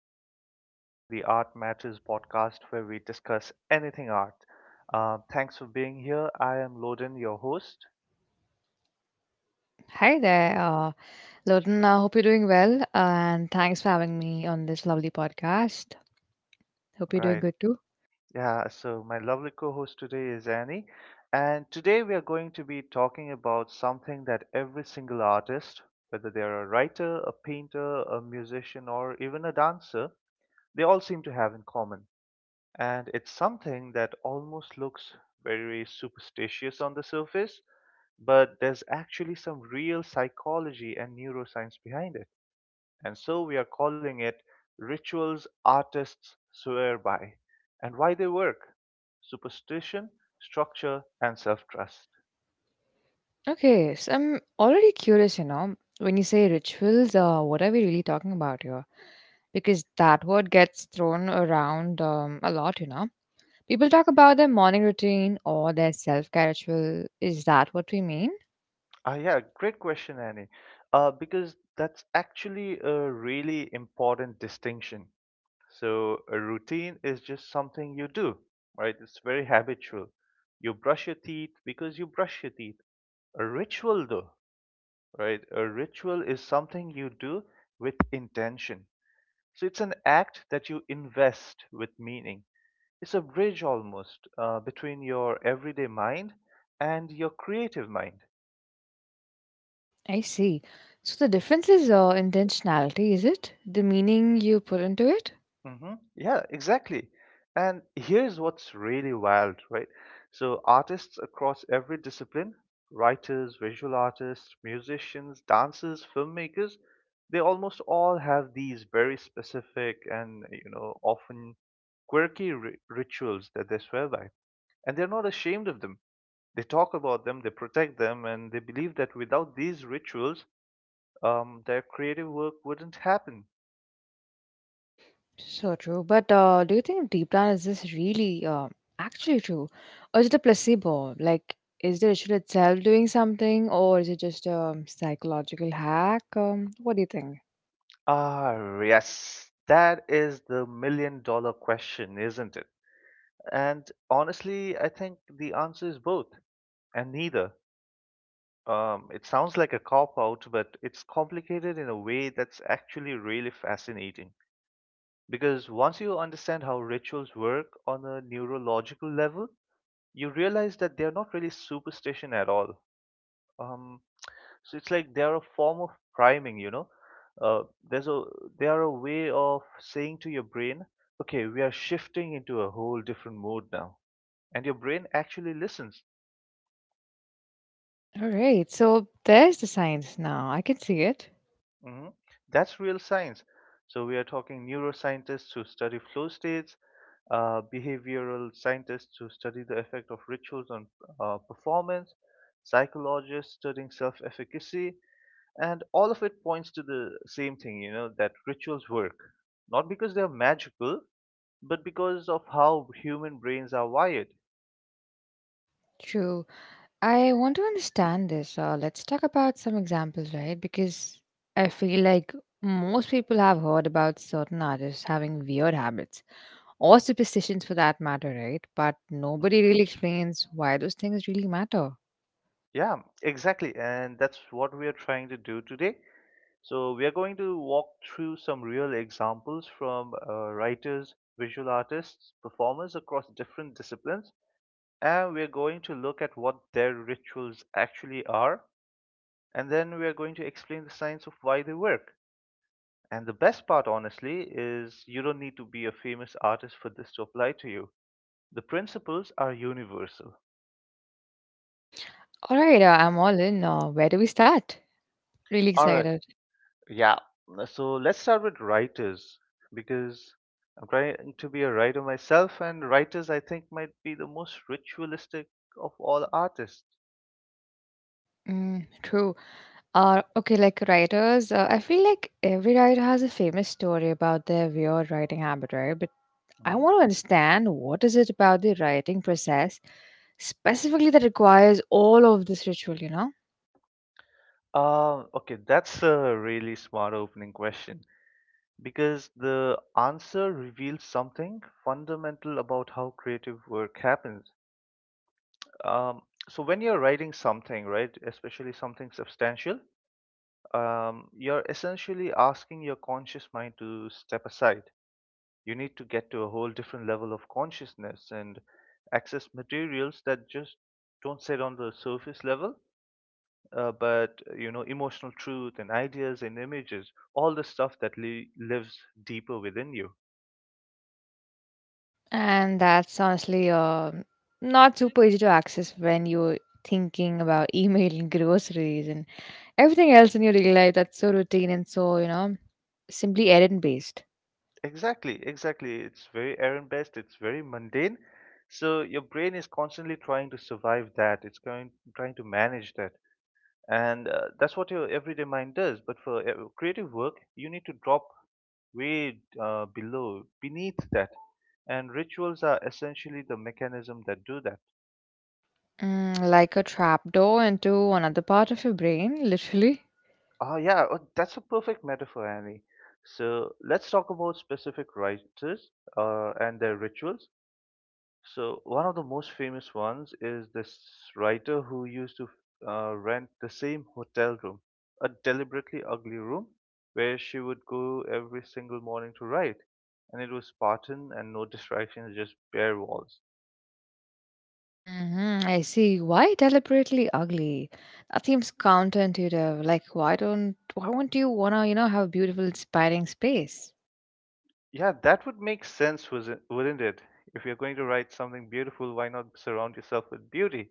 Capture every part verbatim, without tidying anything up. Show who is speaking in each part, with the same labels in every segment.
Speaker 1: and welcome back to the Art Matters podcast where we discuss anything art. Uh, thanks for being here. I am Loden, your host.
Speaker 2: Hi there, uh, Loden. I hope you're doing well, and thanks for having me on this lovely podcast. Hope you're doing
Speaker 1: Right,
Speaker 2: good too.
Speaker 1: yeah, so my lovely co host today is Annie, and today we are going to be talking about something that every single artist, whether they are a writer, a painter, a musician, or even a dancer, they all seem to have in common. And it's something that almost looks very superstitious on the surface but there's actually some real psychology and neuroscience behind it. And so we are calling it rituals artists swear by and why they work superstition, structure, and self trust.
Speaker 2: Okay, so I'm already curious, you know, when you say rituals, uh, what are we really talking about here? Because that word gets thrown around um, a lot, you know. People talk about their morning routine or their self care ritual. Is that what we mean?
Speaker 1: Ah, yeah, great question, Annie. Uh, because that's actually a really important distinction. So, a routine is just something you do, right? It's very habitual. You brush your teeth because you brush your teeth. A ritual, though, right? A ritual is something you do with intention. So it's an act that you invest with meaning. It's a bridge almost, uh, between your everyday mind and your creative mind.
Speaker 2: I see. So the difference is uh, intentionality, is it? The meaning you put into it?
Speaker 1: Mm-hmm. Yeah, exactly. And here's what's really wild, right? So, artists across every discipline, writers, visual artists, musicians, dancers, filmmakers, they almost all have these very specific and, you know, often quirky ri rituals that they swear by. And they're not ashamed of them. They talk about them, they protect them, and they believe that without these rituals, um, their creative work wouldn't happen.
Speaker 2: So true. But uh, do you think deep down is this really uh, actually true? Or is it a placebo? Like, is the ritual itself doing something or is it just a psychological hack? Um, what do you think?
Speaker 1: Ah, yes. That is the million dollar question, isn't it? And honestly, I think the answer is both and neither. Um, it sounds like a cop out, but it's complicated in a way that's actually really fascinating. Because once you understand how rituals work on a neurological level, you realize that they're not really superstition at all. Um, so it's like they are a form of priming, you know. uh, there's a They are a way of saying to your brain, okay, we are shifting into a whole different mode now, and your brain actually listens.
Speaker 2: All right. So there's the science now. I can see it.
Speaker 1: hmm that's real science. So we are talking neuroscientists who study flow states, uh, behavioral scientists who study the effect of rituals on uh, performance, psychologists studying self-efficacy. And all of it points to the same thing, you know, that rituals work. Not because they are magical, but because of how human brains are wired.
Speaker 2: True. I want to understand this. Uh, let's talk about some examples, right? Because I feel like most people have heard about certain artists having weird habits or superstitions for that matter, right? But
Speaker 1: Mhm.
Speaker 2: nobody really explains why those things really matter.
Speaker 1: Yeah, exactly. And that's what we are trying to do today. So, we are going to walk through some real examples from uh, writers, visual artists, performers across different disciplines, and we are going to look at what their rituals actually are, and then we are going to explain the science of why they work. And the best part, honestly, is you don't need to be a famous artist for this to apply to you. The principles are universal.
Speaker 2: All right, uh, I'm all in. Uh, where do we start? Really
Speaker 1: All right.
Speaker 2: excited.
Speaker 1: Yeah. So let's start with writers because I'm trying to be a writer myself, and writers I think might be the most ritualistic of all artists.
Speaker 2: Mm, true. Uh, okay, like writers, uh, I feel like every writer has a famous story about their weird writing habit, right? I
Speaker 1: hmm
Speaker 2: want to understand what is it about the writing process specifically that requires all of this ritual, you know?
Speaker 1: Uh, okay, that's a really smart opening question because the answer reveals something fundamental about how creative work happens. Um, so when you're writing something, right, especially something substantial, um, you're essentially asking your conscious mind to step aside. You need to get to a whole different level of consciousness and access materials that just don't sit on the surface level, uh, but you know, emotional truth and ideas and images, all the stuff that li- lives deeper within you.
Speaker 2: And that's honestly uh, not super easy to access when you're thinking about emailing groceries and everything else in your daily life that's so routine and so, you know, simply errand based.
Speaker 1: Exactly, exactly. It's very errand based, it's very mundane. So your brain is constantly trying to survive that. It's going trying to manage that. And uh, that's what your everyday mind does. But for uh, creative work, you need to drop way, uh, below, beneath that. And rituals are essentially the mechanism that do that.
Speaker 2: Mm, like a trapdoor into another part of your brain, literally.
Speaker 1: Oh, yeah, oh, that's a perfect metaphor, Annie. So let's talk about specific writers uh, and their rituals. So one of the most famous ones is this writer who used to uh, rent the same hotel room, a deliberately ugly room where she would go every single morning to write. And it was Spartan and no distractions, just bare walls.
Speaker 2: Mhm, I see. Why deliberately ugly? That seems counterintuitive. Like, why don't why won't you wanna you know have a beautiful, inspiring space?
Speaker 1: Yeah, that would make sense, was it- wouldn't it? If you're going to write something beautiful, why not surround yourself with beauty?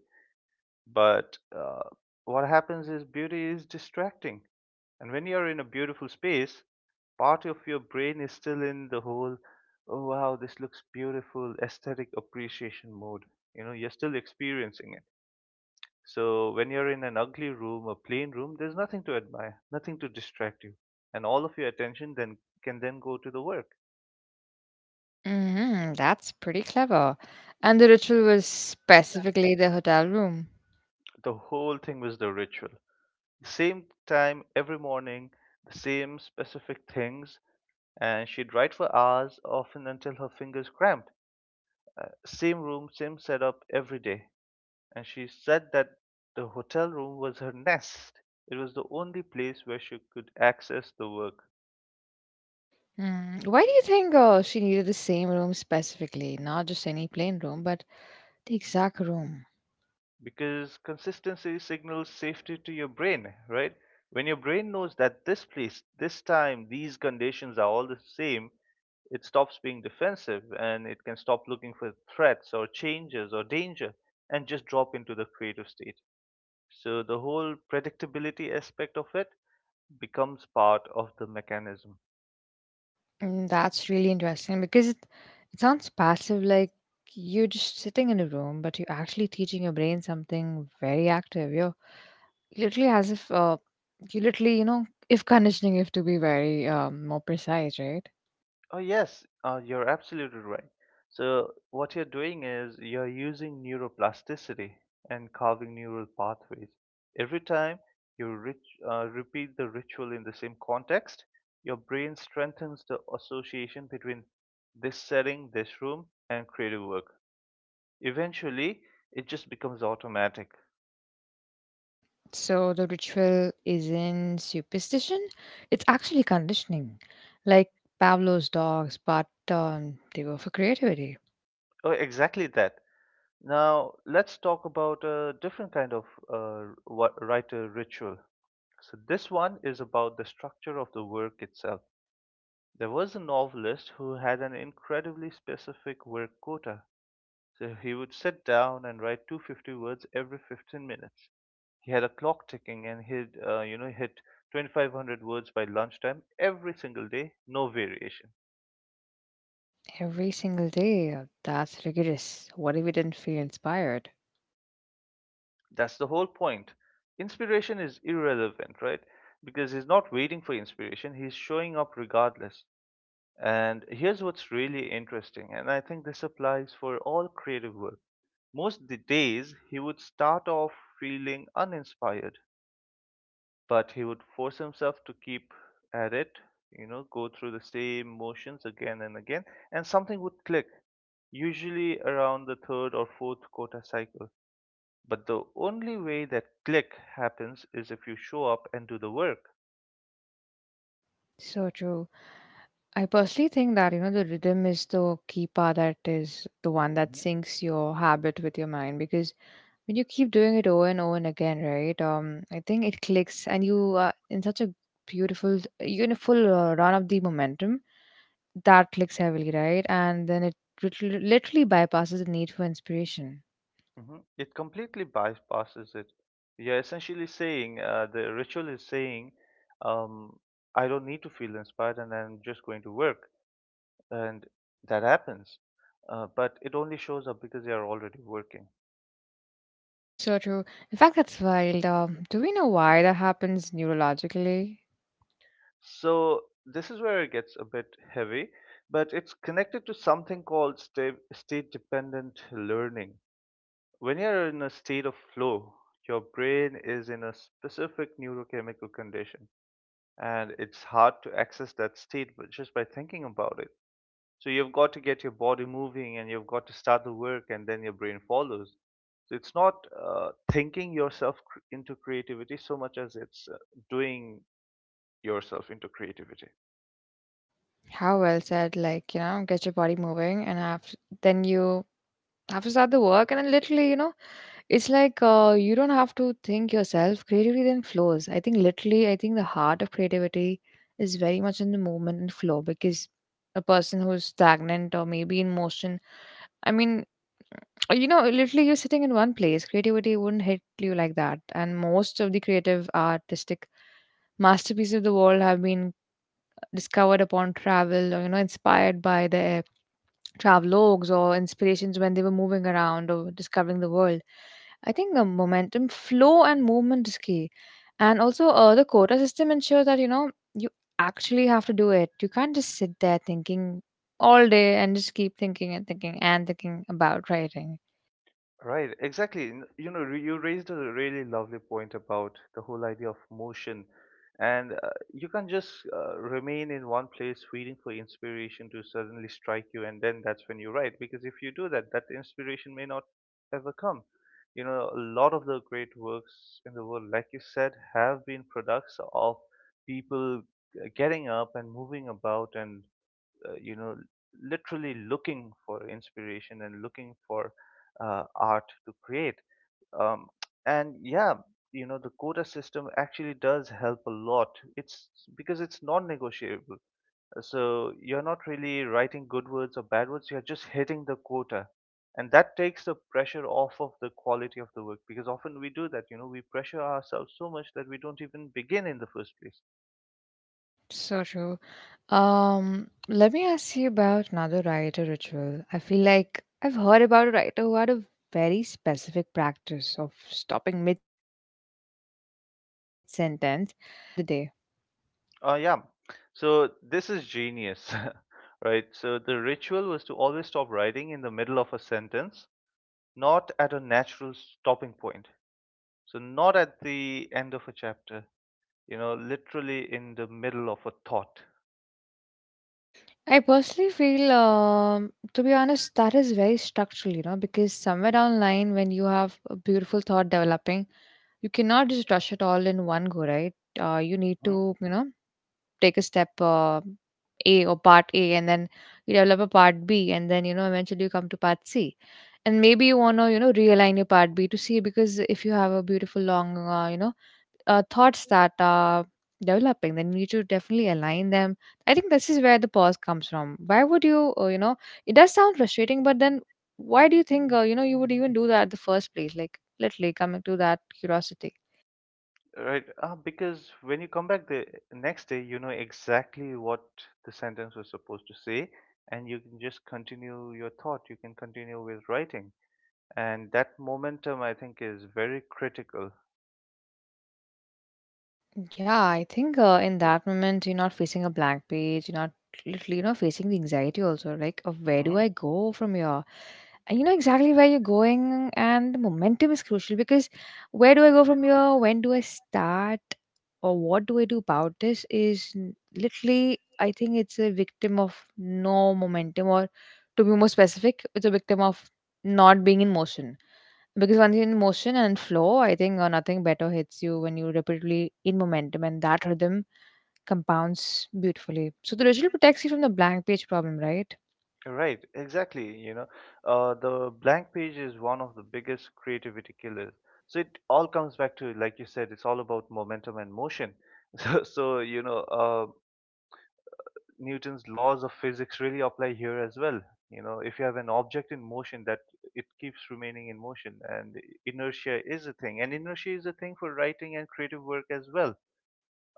Speaker 1: But uh, what happens is beauty is distracting. And when you're in a beautiful space, part of your brain is still in the whole, oh wow, this looks beautiful, aesthetic appreciation mode. You know, you're still experiencing it. So when you're in an ugly room, a plain room, there's nothing to admire, nothing to distract you. And all of your attention then can then go to the work.
Speaker 2: Hmm. That's pretty clever. And the ritual was specifically the hotel room.
Speaker 1: The whole thing was the ritual. Same time every morning, the same specific things, and she'd write for hours, often until her fingers cramped. Uh, same room, same setup every day. And she said that the hotel room was her nest. It was the only place where she could access the work
Speaker 2: Mm. Why do you think uh, she needed the same room specifically, not just any plain room, but the exact room?
Speaker 1: because consistency signals safety to your brain, right? When your brain knows that this place, this time, these conditions are all the same, it stops being defensive and it can stop looking for threats or changes or danger and just drop into the creative state. So the whole predictability aspect of it becomes part of the mechanism.
Speaker 2: Mm, that's really interesting because it, it sounds passive, like you're just sitting in a room, but you're actually teaching your brain something very active. You're literally as if uh, you literally, you know, if conditioning, if to be very um, more precise, right?
Speaker 1: Oh, yes, uh, you're absolutely right. So what you're doing is you're using neuroplasticity and carving neural pathways. Every time you rit- uh, repeat the ritual in the same context, your brain strengthens the association between this setting, this room, and creative work. Eventually, it just becomes automatic.
Speaker 2: So the ritual isn't superstition; it's actually conditioning, like Pavlov's dogs, but um, they were for creativity.
Speaker 1: Oh, exactly that. Now, let's talk about a different kind of uh, wa- writer ritual. So, this one is about the structure of the work itself. There was a novelist who had an incredibly specific work quota. So, he would sit down and write two hundred fifty words every fifteen minutes. He had a clock ticking and he'd, uh, you know, hit twenty-five hundred words by lunchtime every single day, no variation.
Speaker 2: Every single day, uh, that's rigorous. What if we didn't feel inspired?
Speaker 1: That's the whole point. Inspiration is irrelevant, right? Because he's not waiting for inspiration, he's showing up regardless. And here's what's really interesting, and I think this applies for all creative work. Most the days he would start off feeling uninspired, but he would force himself to keep at it, you know, go through the same motions again and again, and something would click, usually around the third or fourth quota cycle, but the only way that click happens is if you show up and do the work.
Speaker 2: So true. I personally think that you know the rhythm is the key part that is the one that
Speaker 1: Mhm.
Speaker 2: syncs your habit with your mind because when you keep doing it over and over and again, right? Um, I think it clicks, and you are in such a beautiful, you're in a full uh, run of the momentum that clicks heavily, right? And then it lit- literally bypasses the need for inspiration.
Speaker 1: Mhm. It completely bypasses it. You're essentially saying, uh, the ritual is saying, um, I don't need to feel inspired and I'm just going to work. And that happens, uh, but it only shows up because they are already working.
Speaker 2: So true. In fact, that's wild. Um, do we know why that happens neurologically?
Speaker 1: So this is where it gets a bit heavy, but it's connected to something called state, state dependent learning. When you're in a state of flow, your brain is in a specific neurochemical condition, and it's hard to access that state but just by thinking about it. So you've got to get your body moving and you've got to start the work and then your brain follows. So it's not uh, thinking yourself cr- into creativity so much as it's uh, doing yourself into creativity.
Speaker 2: How well said. Like you know, get your body moving, and have then you have to start the work, and then literally, you know. It's like uh, you don't have to think yourself. Creativity then flows. I think literally, I think the heart of creativity is very much in the movement and flow because a person who's stagnant or maybe in motion, I mean, you know, literally you're sitting in one place. Creativity wouldn't hit you like that. And most of the creative artistic masterpieces of the world have been discovered upon travel or, you know, inspired by the travelogues or inspirations when they were moving around or discovering the world. I think uh, momentum, flow, and movement is key. And also, uh, the quota system ensures that you know you actually have to do it. You can't just sit there thinking all day and just keep thinking and thinking and thinking about writing.
Speaker 1: Right, exactly. N- You know, re- you raised a really lovely point about the whole idea of motion, and uh, you can't just uh, remain in one place waiting for inspiration to suddenly strike you, and then that's when you write. Because if you do that, that inspiration may not ever come. You know, a lot of the great works in the world, like you said, have been products of people uh, getting up and moving about and, uh, you know, literally looking for inspiration and looking for uh, art to create. um, and yeah, you know, the quota system actually does help a lot. It's because it's non-negotiable, so you're not really writing good words or bad words, you're just hitting the quota, and that takes the pressure off of the quality of the work, because often we do that, you know, we pressure ourselves so much that we don't even begin in the first place.
Speaker 2: So true. Um, let me ask you about another writer ritual. I feel like I've heard about a writer who had a very specific practice of stopping mid sentence the day.
Speaker 1: Uh, yeah. So this is genius, right? So the ritual was to always stop writing in the middle of a sentence, not at a natural stopping point. So not at the end of a chapter, you know, literally in the middle of a thought.
Speaker 2: I personally feel, um, to be honest, that is very structural, you know, because somewhere down the line, when you have a beautiful thought developing, you cannot just rush it all in one go, right? Uh, you need
Speaker 1: Mhm.
Speaker 2: to, you know, take a step uh, A or part A, and then you develop a part B, and then you know eventually you come to part C, and maybe you want to you know realign your part B to C because if you have a beautiful long uh, you know uh, thoughts that are developing, then you need to definitely align them. I think this is where the pause comes from. Why would you uh, you know it does sound frustrating, but then why do you think uh, you know you would even do that in the first place? Like literally coming to that curiosity.
Speaker 1: Right? Uh, because when you come back the next day, you know exactly what the sentence was supposed to say, and you can just continue your thought. You can continue with writing. And that momentum, I think, is very critical.
Speaker 2: Yeah, I think uh, in that moment, you're not facing a blank page, you're not literally, you know, facing the anxiety also, like, of where do I go from here? And you know exactly where you're going, and the momentum is crucial because where do I go from here? When do I start? Or what do I do about this? Is n- literally, I think it's a victim of no momentum, or to be more specific, it's a victim of not being in motion. Because once you're in motion and flow, I think uh, nothing better hits you when you repeatedly in momentum, and that rhythm compounds beautifully. So the ritual protects you from the blank page problem, right?
Speaker 1: Right, exactly. You know, uh, the blank page is one of the biggest creativity killers. So it all comes back to, like you said, it's all about momentum and motion. So, so you know, uh, Newton's laws of physics really apply here as well. You know, if you have an object in motion, that it keeps remaining in motion, and inertia is a thing, and inertia is a thing for writing and creative work as well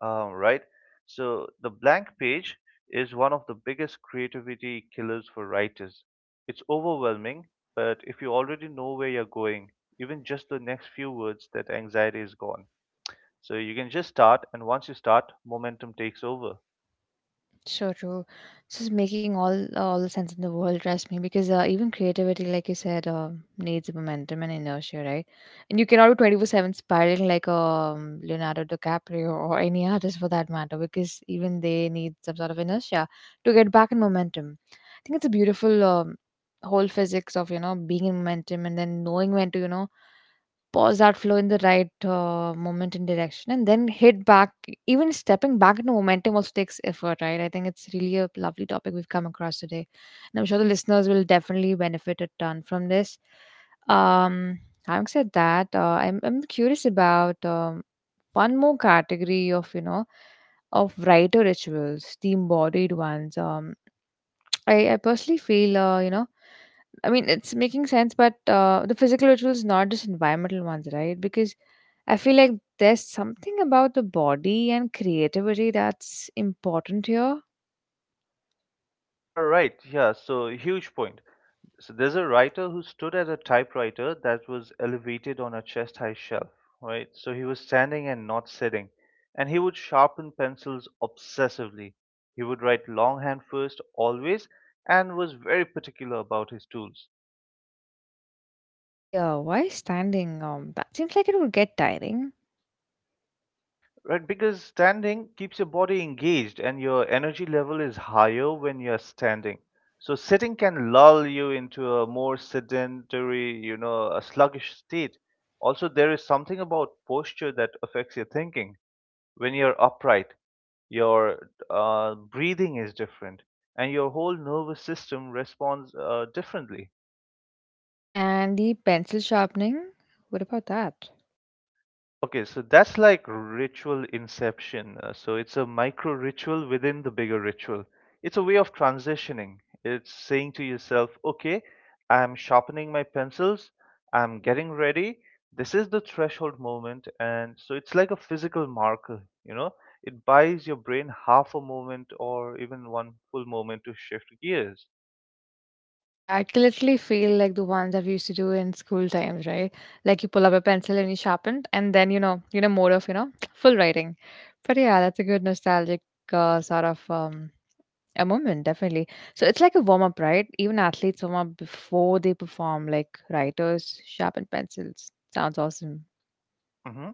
Speaker 1: um, right? So the blank page is one of the biggest creativity killers for writers. It's overwhelming, but if you already know where you're going, even just the next few words, that anxiety is gone. So you can just start, and once you start, momentum takes over.
Speaker 2: Sure, true. This is making all all the sense in the world. Trust me, because uh, even creativity, like you said, uh, needs momentum and inertia, right? And you cannot be twenty four seven spiraling like um, Leonardo DiCaprio or any artist for that matter, because even they need some sort of inertia to get back in momentum. Think it's a beautiful um, whole physics of you know being in momentum and then knowing when to you know pause that flow in the right uh, moment and direction and then hit back. Even stepping back into momentum also takes effort, right? I think it's really a lovely topic we've come across today, and I'm sure the listeners will definitely benefit a ton from this. um Having said that, uh, I'm, I'm curious about um, one more category of you know of writer rituals, the embodied ones. um I, I personally feel, uh, you know, I mean, it's making sense, but uh, the physical rituals, not just environmental ones, right? Because I feel like there's something about the body and creativity that's important here.
Speaker 1: All right, yeah, so huge point. So there's a writer who stood at a typewriter that was elevated on a chest high shelf, right? So he was standing and not sitting. And he would sharpen pencils obsessively. He would write longhand first, always, and was very particular about his tools.
Speaker 2: Yeah, why standing? Um, that seems like it would get tiring.
Speaker 1: Right, because standing keeps your body engaged and your energy level is higher when you're standing. So sitting can lull you into a more sedentary, you know, a sluggish state. Also, there is something about posture that affects your thinking. When you're upright, your uh, breathing is different and your whole nervous system responds uh, differently.
Speaker 2: And the pencil sharpening, what about that?
Speaker 1: Okay, so that's like ritual inception. Uh, so it's a micro ritual within the bigger ritual. It's a way of transitioning. It's saying to yourself, okay, I'm sharpening my pencils, I'm getting ready. This is the threshold moment. And so it's like a physical marker, you know, it buys your brain half a moment or even one full moment to shift gears.
Speaker 2: Yeah, I can literally feel like the ones that we used to do in school times, right? Like you pull up a pencil and you sharpen, and then you know, you know, more of you know, full writing. But yeah, that's a good nostalgic uh, sort of um, a moment, definitely. So it's like a warm up, right? Even athletes warm up before they perform, like writers sharpen pencils. Sounds awesome.
Speaker 1: Hmm.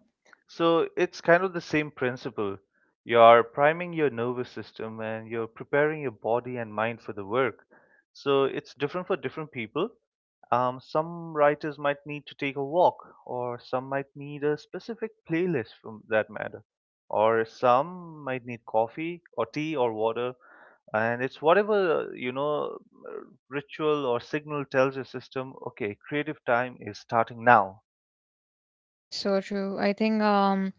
Speaker 1: So it's kind of the same principle. You're priming your nervous system and you're preparing your body and mind for the work. So it's different for different people. Um, some writers might need to take a walk, or some might need a specific playlist for that matter, or some might need coffee or tea or water. And it's whatever, you know, ritual or signal tells your system, okay, creative time is starting now.
Speaker 2: So true. I think um,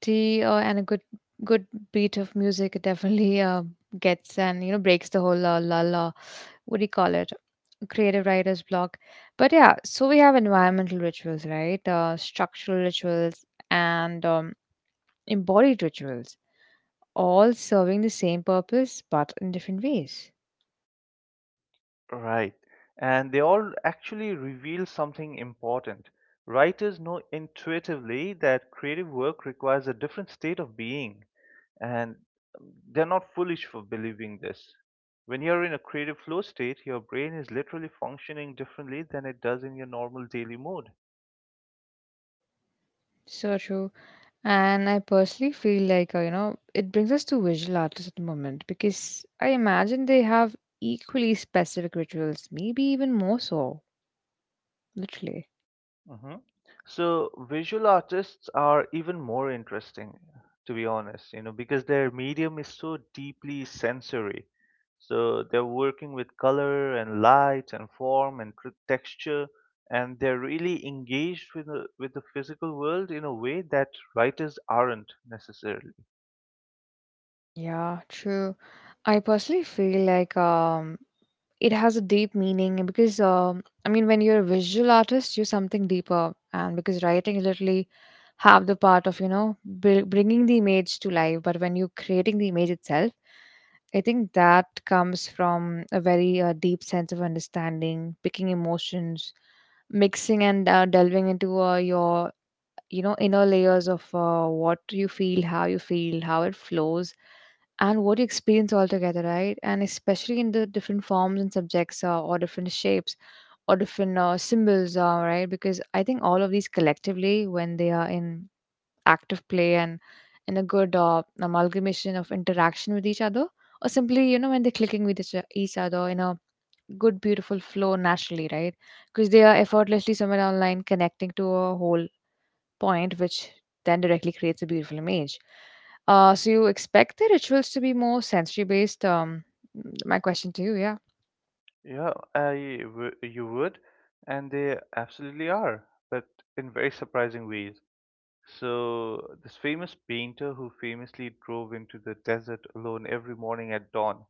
Speaker 2: tea uh, and a good good beat of music it definitely uh, gets and you know breaks the whole uh, lull, what do you call it, creative writer's block. But yeah, so we have environmental rituals, right? Uh, structural rituals and um, embodied rituals, all serving the same purpose but in different ways.
Speaker 1: Right. And they all actually reveal something important. Writers know intuitively that creative work requires a different state of being, and they're not foolish for believing this. When you're in a creative flow state, your brain is literally functioning differently than it does in your normal daily mode.
Speaker 2: So true. And I personally feel like uh, you know it brings us to visual artists at the moment because I imagine they have equally specific rituals, maybe even more so, literally.
Speaker 1: Hmm. So visual artists are even more interesting, to be honest, you know, because their medium is so deeply sensory. So they're working with color and light and form and tr- texture, and they're really engaged with the, with the physical world in a way that writers aren't necessarily.
Speaker 2: Yeah, true. I personally feel like um it has a deep meaning because um, I mean when you're a visual artist you're something deeper, and because writing literally have the part of you know br- bringing the image to life, but when you're creating the image itself I think that comes from a very uh, deep sense of understanding, picking emotions, mixing and uh, delving into uh, your you know inner layers of uh, what you feel, how you feel, how it flows, and what you experience altogether, right? And especially in the different forms and subjects, uh, or different shapes, or different uh, symbols, uh, right? Because I think all of these collectively, when they are in active play, and in a good uh, amalgamation of interaction with each other, or simply you know when they're clicking with each each other in a good beautiful flow naturally, right? Because they are effortlessly somewhere online connecting to a whole point, which then directly creates a beautiful image. Uh, so you expect the rituals to be more sensory based. Um, my question to you, yeah,
Speaker 1: Yeah, I w- you would, and they absolutely are, but in very surprising ways. So this famous painter who famously drove into the desert alone every morning at dawn,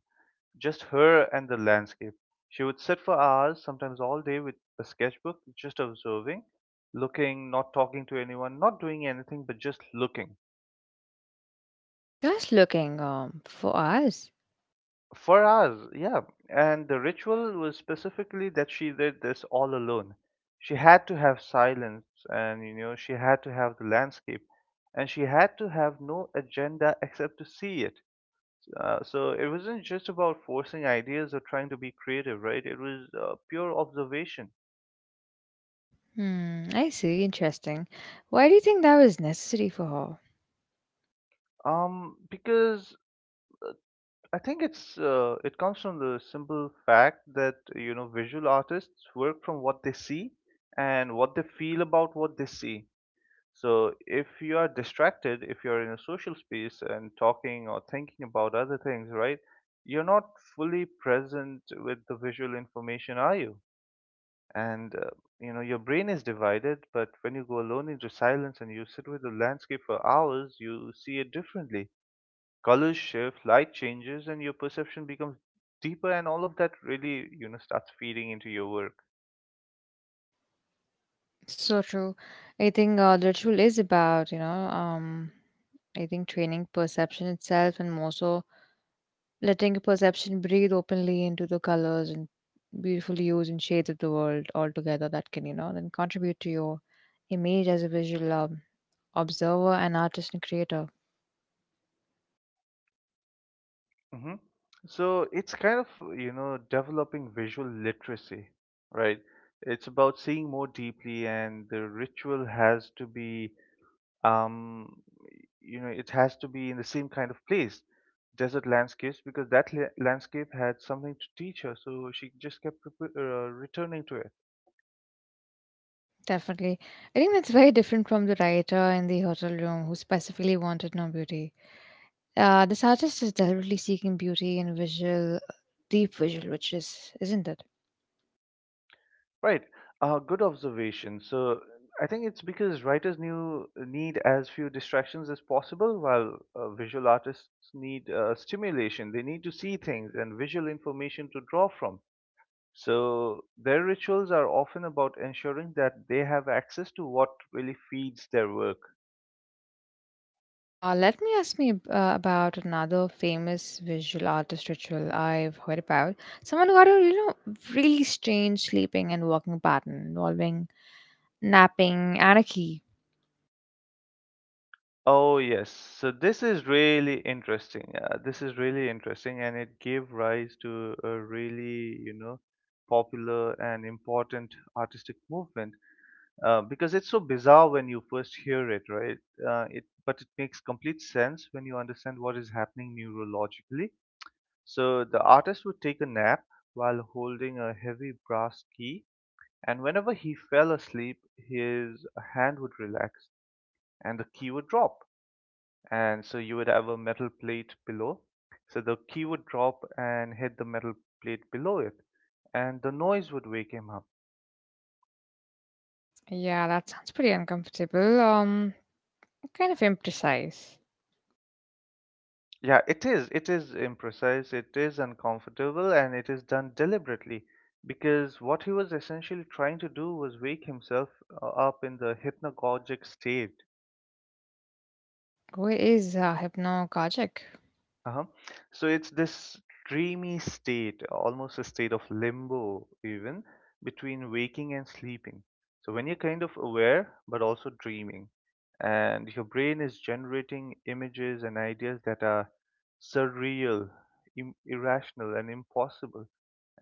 Speaker 1: just her and the landscape. She would sit for hours, sometimes all day, with a sketchbook, just observing, looking, not talking to anyone, not doing anything, but just looking.
Speaker 2: just looking um for us.
Speaker 1: For hours, yeah. And the ritual was specifically that she did this all alone. She had to have silence, and you know, she had to have the landscape, and she had to have no agenda except to see it. Uh, so it wasn't just about forcing ideas or trying to be creative, right? It was uh, pure observation.
Speaker 2: Hmm, I see. Interesting. Why do you think that was necessary for her?
Speaker 1: Um, because I think it's uh, it comes from the simple fact that you know visual artists work from what they see and what they feel about what they see. So if you are distracted, if you're in a social space and talking or thinking about other things, right? You're not fully present with the visual information, are you? and uh, you know your brain is divided, but when you go alone into silence and you sit with the landscape for hours you see it differently. Colors shift, light changes, and your perception becomes deeper, and all of that really, you know, starts feeding into your work.
Speaker 2: So true. I think uh, the ritual is about you know um I think training perception itself, and more so letting perception breathe openly into the colors and beautiful hues and shades of the world altogether that can, you know, then contribute to your image as a visual um, observer and artist and creator.
Speaker 1: Hmm. So it's kind of, you know, developing visual literacy, right? It's about seeing more deeply, and the ritual has to be um, you know, it has to be in the same kind of place. Desert landscapes, because that la- landscape had something to teach her, so she just kept repe- uh, returning to it.
Speaker 2: Definitely. I think that's very different from the writer in the hotel room who specifically wanted no beauty. Uh, this artist is deliberately seeking beauty in visual, deep visual, which is, isn't it?
Speaker 1: Right. Uh, good observation. So I think it's because writers knew need as few distractions as possible, while uh, visual artists need uh, stimulation. They need to see things and visual information to draw from. So their rituals are often about ensuring that they have access to what really feeds their work.
Speaker 2: Uh, let me ask me ab- uh, about another famous visual artist ritual I've heard about. Someone who had, a you know, really strange sleeping and walking pattern involving napping anarchy.
Speaker 1: Oh yes, so this is really interesting. Uh, this is really interesting, and it gave rise to a really, you know, popular and important artistic movement. Uh, because it's so bizarre when you first hear it, right? Uh, it but it makes complete sense when you understand what is happening neurologically. So the artist would take a nap while holding a heavy brass key, and whenever he fell asleep, his hand would relax and the key would drop, and so you would have a metal plate below. So the key would drop and hit the metal plate below it, and the noise would wake him up.
Speaker 2: Yeah, that sounds pretty uncomfortable. Um, kind of imprecise.
Speaker 1: Yeah, it is. It is imprecise, it is uncomfortable, and it is done deliberately because what he was essentially trying to do was wake himself uh, up in the hypnagogic state.
Speaker 2: Who is uh, hypnagogic?
Speaker 1: Uh-huh. So it's this dreamy state, almost a state of limbo, even between waking and sleeping. So when you're kind of aware, but also dreaming, and your brain is generating images and ideas that are surreal, im- irrational, and impossible.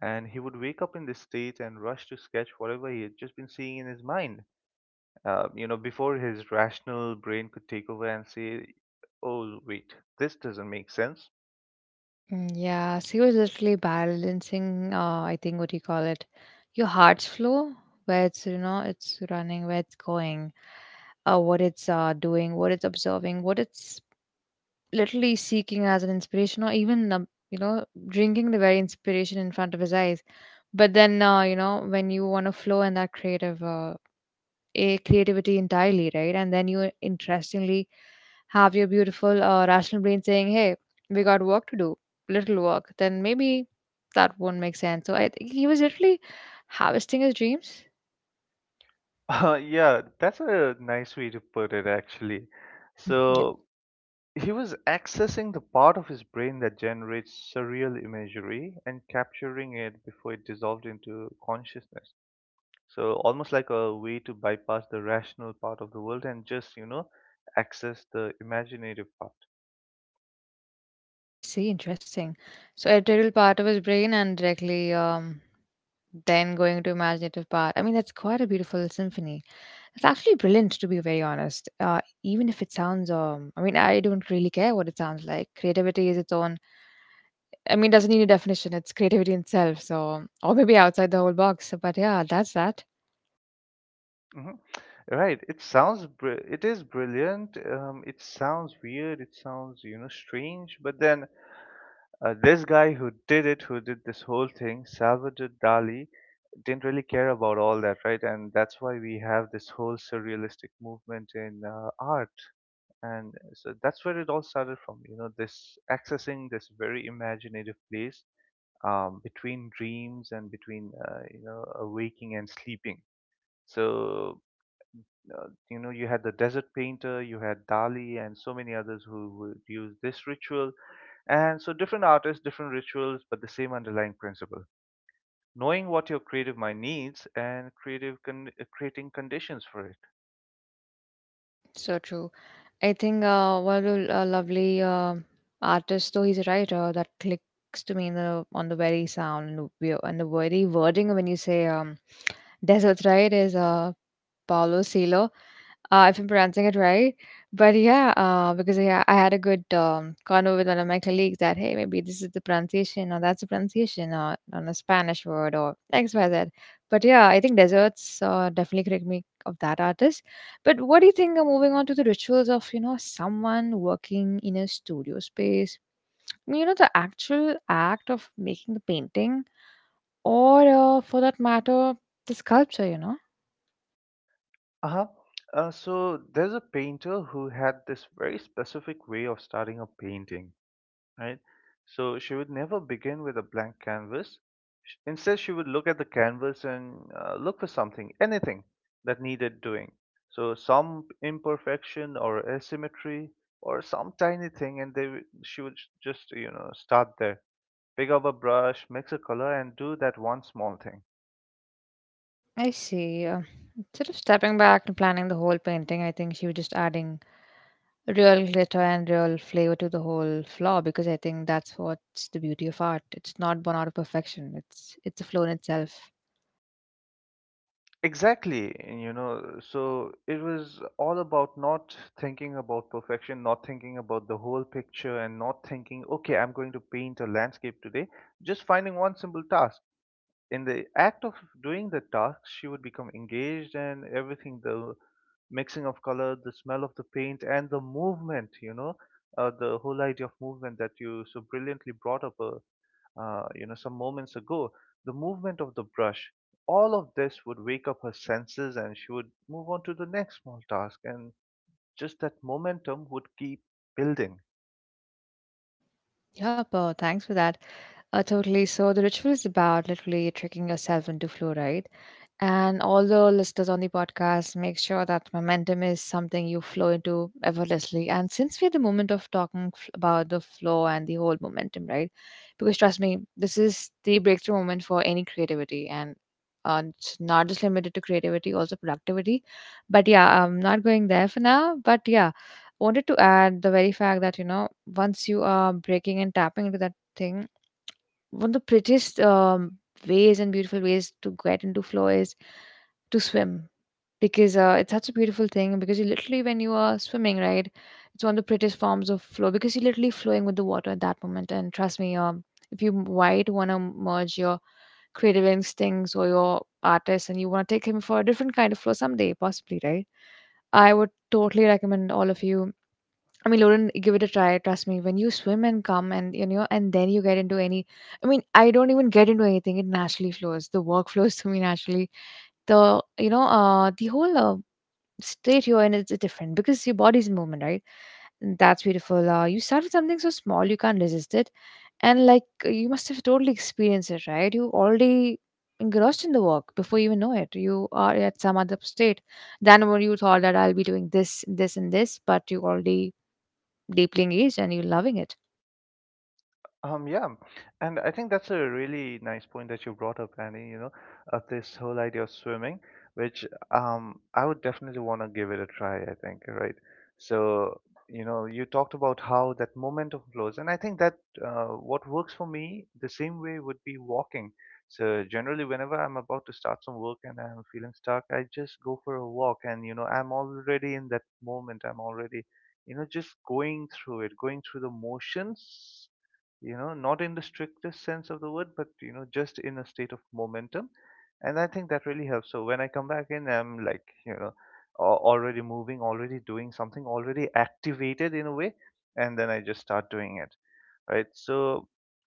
Speaker 1: And he would wake up in this state and rush to sketch whatever he had just been seeing in his mind. Uh, you know, before his rational brain could take over and say, "Oh, wait, this doesn't make sense."
Speaker 2: Mm, yeah, so he was literally balancing. Uh, I think, what do you call it? Your heart's flow, where it's, you know, it's running, where it's going, uh, what it's uh, doing, what it's observing, what it's literally seeking as an inspiration, or even, um, you know, drinking the very inspiration in front of his eyes. But then, uh, you know, when you want to flow in that creative uh, a creativity entirely, right? And then you, interestingly, have your beautiful uh, rational brain saying, "Hey, we got work to do, little work, then maybe that won't make sense." So I think he was literally harvesting his dreams.
Speaker 1: Uh, yeah, that's a nice way to put it, actually.
Speaker 2: Mhm. Yeah.
Speaker 1: So he was accessing the part of his brain that generates surreal imagery and capturing it before it dissolved into consciousness. So almost like a way to bypass the rational part of the world and just, you know, access the imaginative part.
Speaker 2: I see. Interesting. So a terrible part of his brain, and directly, um then going to imaginative part. I mean, that's quite a beautiful symphony. It's actually brilliant, to be very honest. Uh, even if it sounds, um, I mean, I don't really care what it sounds like. Creativity is its own. I mean, it doesn't need a definition. It's creativity in itself. So, or maybe outside the whole box. But yeah, that's that.
Speaker 1: Mhm. Right. It sounds br- it is brilliant. Um, it sounds weird. It sounds, you know, strange. But then uh, this guy who did it, who did this whole thing, Salvador Dali, didn't really care about all that, right? And that's why we have this whole surrealistic movement in uh, art. And so that's where it all started from, you know, this accessing this very imaginative place um, between dreams and between, uh, you know, awaking and sleeping. So uh, you know, you had the desert painter, you had Dali and so many others who would use this ritual. And so different artists, different rituals, but the same underlying principle: knowing what your creative mind needs, and creative con- uh, creating conditions for it.
Speaker 2: So true. I think uh, what a a lovely um artist, though he's a writer, that clicks to me in the, on the very sound and the, wo- and the very wording, when you say, um, desert, right, is uh Paulo Coelho, uh, if I'm pronouncing it right. But yeah, uh, because yeah, I had a good um, convo with one of my colleagues, that hey, maybe this is the pronunciation or that's the pronunciation, or on a Spanish word, or X Y Z. But yeah, I think deserts, uh, definitely correct me of that artist. But what do you think? Uh, moving on to the rituals of, you know, someone working in a studio space, you know, the actual act of making the painting, or uh, for that matter the sculpture, you know.
Speaker 1: Uh-huh. Uh, so there's a painter who had this very specific way of starting a painting, right? So she would never begin with a blank canvas. Sh- Instead, she would look at the canvas and uh, look for something, anything that needed doing. So some imperfection or asymmetry or some tiny thing, and they would- she would j- just, you know, start there, pick up a brush, mix a color, and do that one small thing.
Speaker 2: I see. Uh, instead of stepping back and planning the whole painting, I think she was just adding real glitter and real flavor to the whole flaw, because I think that's what's the beauty of art. It's not born out of perfection. It's it's a flow in itself.
Speaker 1: Exactly, you know, so it was all about not thinking about perfection, not thinking about the whole picture, and not thinking, okay, I'm going to paint a landscape today. Just finding one simple task. In the act of doing the task, she would become engaged, and everything, the mixing of color, the smell of the paint, and the movement, you know, uh, the whole idea of movement that you so brilliantly brought up uh, uh, you know, some moments ago, the movement of the brush, all of this would wake up her senses and she would move on to the next small task. And just that momentum would keep building.
Speaker 2: Yep. Uh, thanks for that. Uh, totally. So the ritual is about literally tricking yourself into flow, right? And all the listeners on the podcast, make sure that momentum is something you flow into effortlessly. And since we had the moment of talking f- about the flow and the whole momentum, right? Because trust me, this is the breakthrough moment for any creativity. And uh, it's not just limited to creativity, also productivity. But yeah, I'm not going there for now. But yeah, wanted to add the very fact that, you know, once you are breaking and tapping into that thing, one of the prettiest um, ways and beautiful ways to get into flow is to swim, because uh, it's such a beautiful thing, because you literally, when you are swimming, right, it's one of the prettiest forms of flow, because you're literally flowing with the water at that moment. And trust me, um, if you might want to merge your creative instincts or your artist, and you want to take him for a different kind of flow someday, possibly, right, I would totally recommend all of you. I mean, Lauren, give it a try. Trust me. When you swim and come and, you know, and then you get into any. I mean, I don't even get into anything. It naturally flows. The work flows to me naturally. The, you know, uh, the whole uh, state here, and it's different because your body's in movement, right? And that's beautiful. Uh, you start with something so small you can't resist it, and like you must have totally experienced it, right? You already engrossed in the work before you even know it. You are at some other state than what you thought that I'll be doing this, this, and this, but you already deeply engaged and you're loving it.
Speaker 1: Um, yeah, um, and I think that's a really nice point that you brought up, Annie, you know, of this whole idea of swimming, which um, I would definitely want to give it a try, I think, right? So, you know, you talked about how that momentum flows, and I think that uh, what works for me the same way would be walking. So, generally, whenever I'm about to start some work and I'm feeling stuck, I just go for a walk, and, you know, I'm already in that moment, I'm already, you know, just going through it, going through the motions, you know, not in the strictest sense of the word, but you know, just in a state of momentum. And I think that really helps. So when I come back in, I'm like, you know, al- already moving, already doing something, already activated in a way, and then I just start doing it, right? So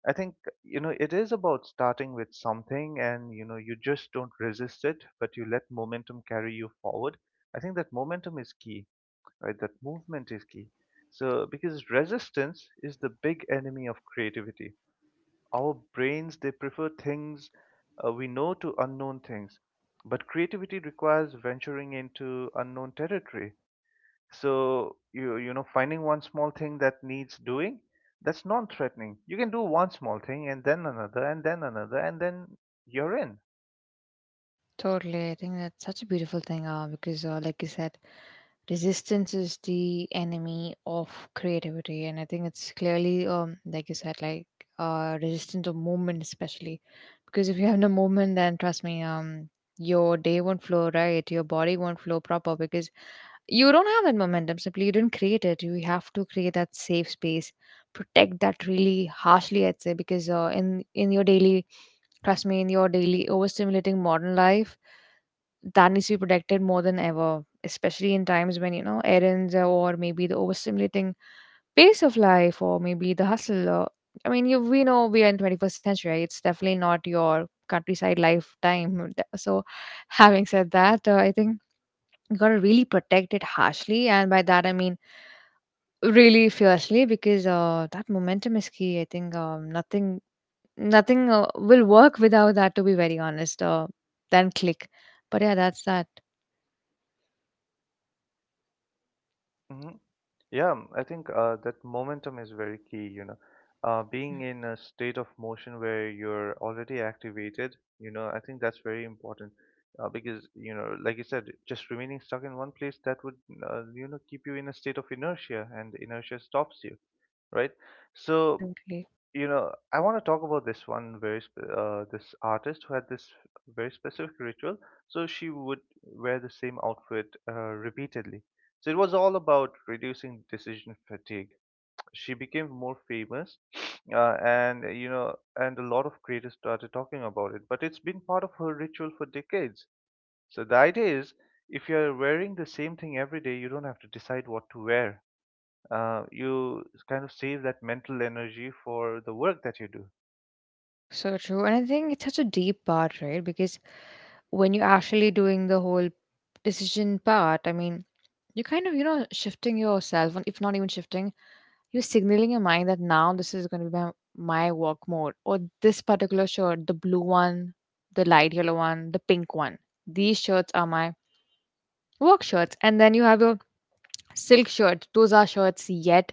Speaker 1: I think, you know, it is about starting with something and, you know, you just don't resist it, but you let momentum carry you forward. I think that momentum is key, right? That movement is key. So, because resistance is the big enemy of creativity, our brains, they prefer things uh, we know to unknown things, but creativity requires venturing into unknown territory. So you you know finding one small thing that needs doing, that's non-threatening. You can do one small thing and then another and then another and then you're in.
Speaker 2: Totally. I think that's such a beautiful thing, uh, because, uh, like you said, resistance is the enemy of creativity. And I think it's clearly, um, like you said, like uh, resistant to movement, especially. Because if you have no movement, then trust me, um, your day won't flow right, your body won't flow proper, because you don't have that momentum. Simply, you didn't create it. You have to create that safe space, protect that really harshly, I'd say, because uh, in, in your daily, trust me, in your daily overstimulating modern life, that needs to be protected more than ever, especially in times when, you know, errands, or maybe the overstimulating pace of life, or maybe the hustle. Or, I mean, you, we know we are in twenty-first century. Right? It's definitely not your countryside lifetime. So having said that, uh, I think you got to really protect it harshly. And by that, I mean really fiercely, because uh, that momentum is key. I think um, nothing Nothing uh, will work without that, to be very honest, uh, than click. But yeah, that's that.
Speaker 1: Mm-hmm. Yeah, m- I think uh, that momentum is very key, you know. Uh, being in a state of motion where you're already activated, you know, I think that's very important uh, because, you know, like you said, just remaining stuck in one place that would uh, you know, keep you in a state of inertia, and inertia stops you, right? So,
Speaker 2: Totally.
Speaker 1: you know, I want to talk about this one very sp- uh, this artist who had this very specific ritual. So she would wear the same outfit uh, repeatedly. So it was all about reducing decision fatigue. She became more famous, uh, and you know, and a lot of creators started talking about it. But it's been part of her ritual for decades. So the idea is, if you're wearing the same thing every day, you don't have to decide what to wear. Uh, you kind of save that mental energy for the work that you do.
Speaker 2: So true. And I think it's such a deep part, right? Because when you're actually doing the whole decision part, I mean, you're kind of, you know, shifting yourself, and if not even shifting, you're signaling your mind that now this is going to be my, my work mode, or this particular shirt, the blue one, the light yellow one, the pink one, these shirts are my work shirts. And then you have your silk shirts. Those are shirts, yet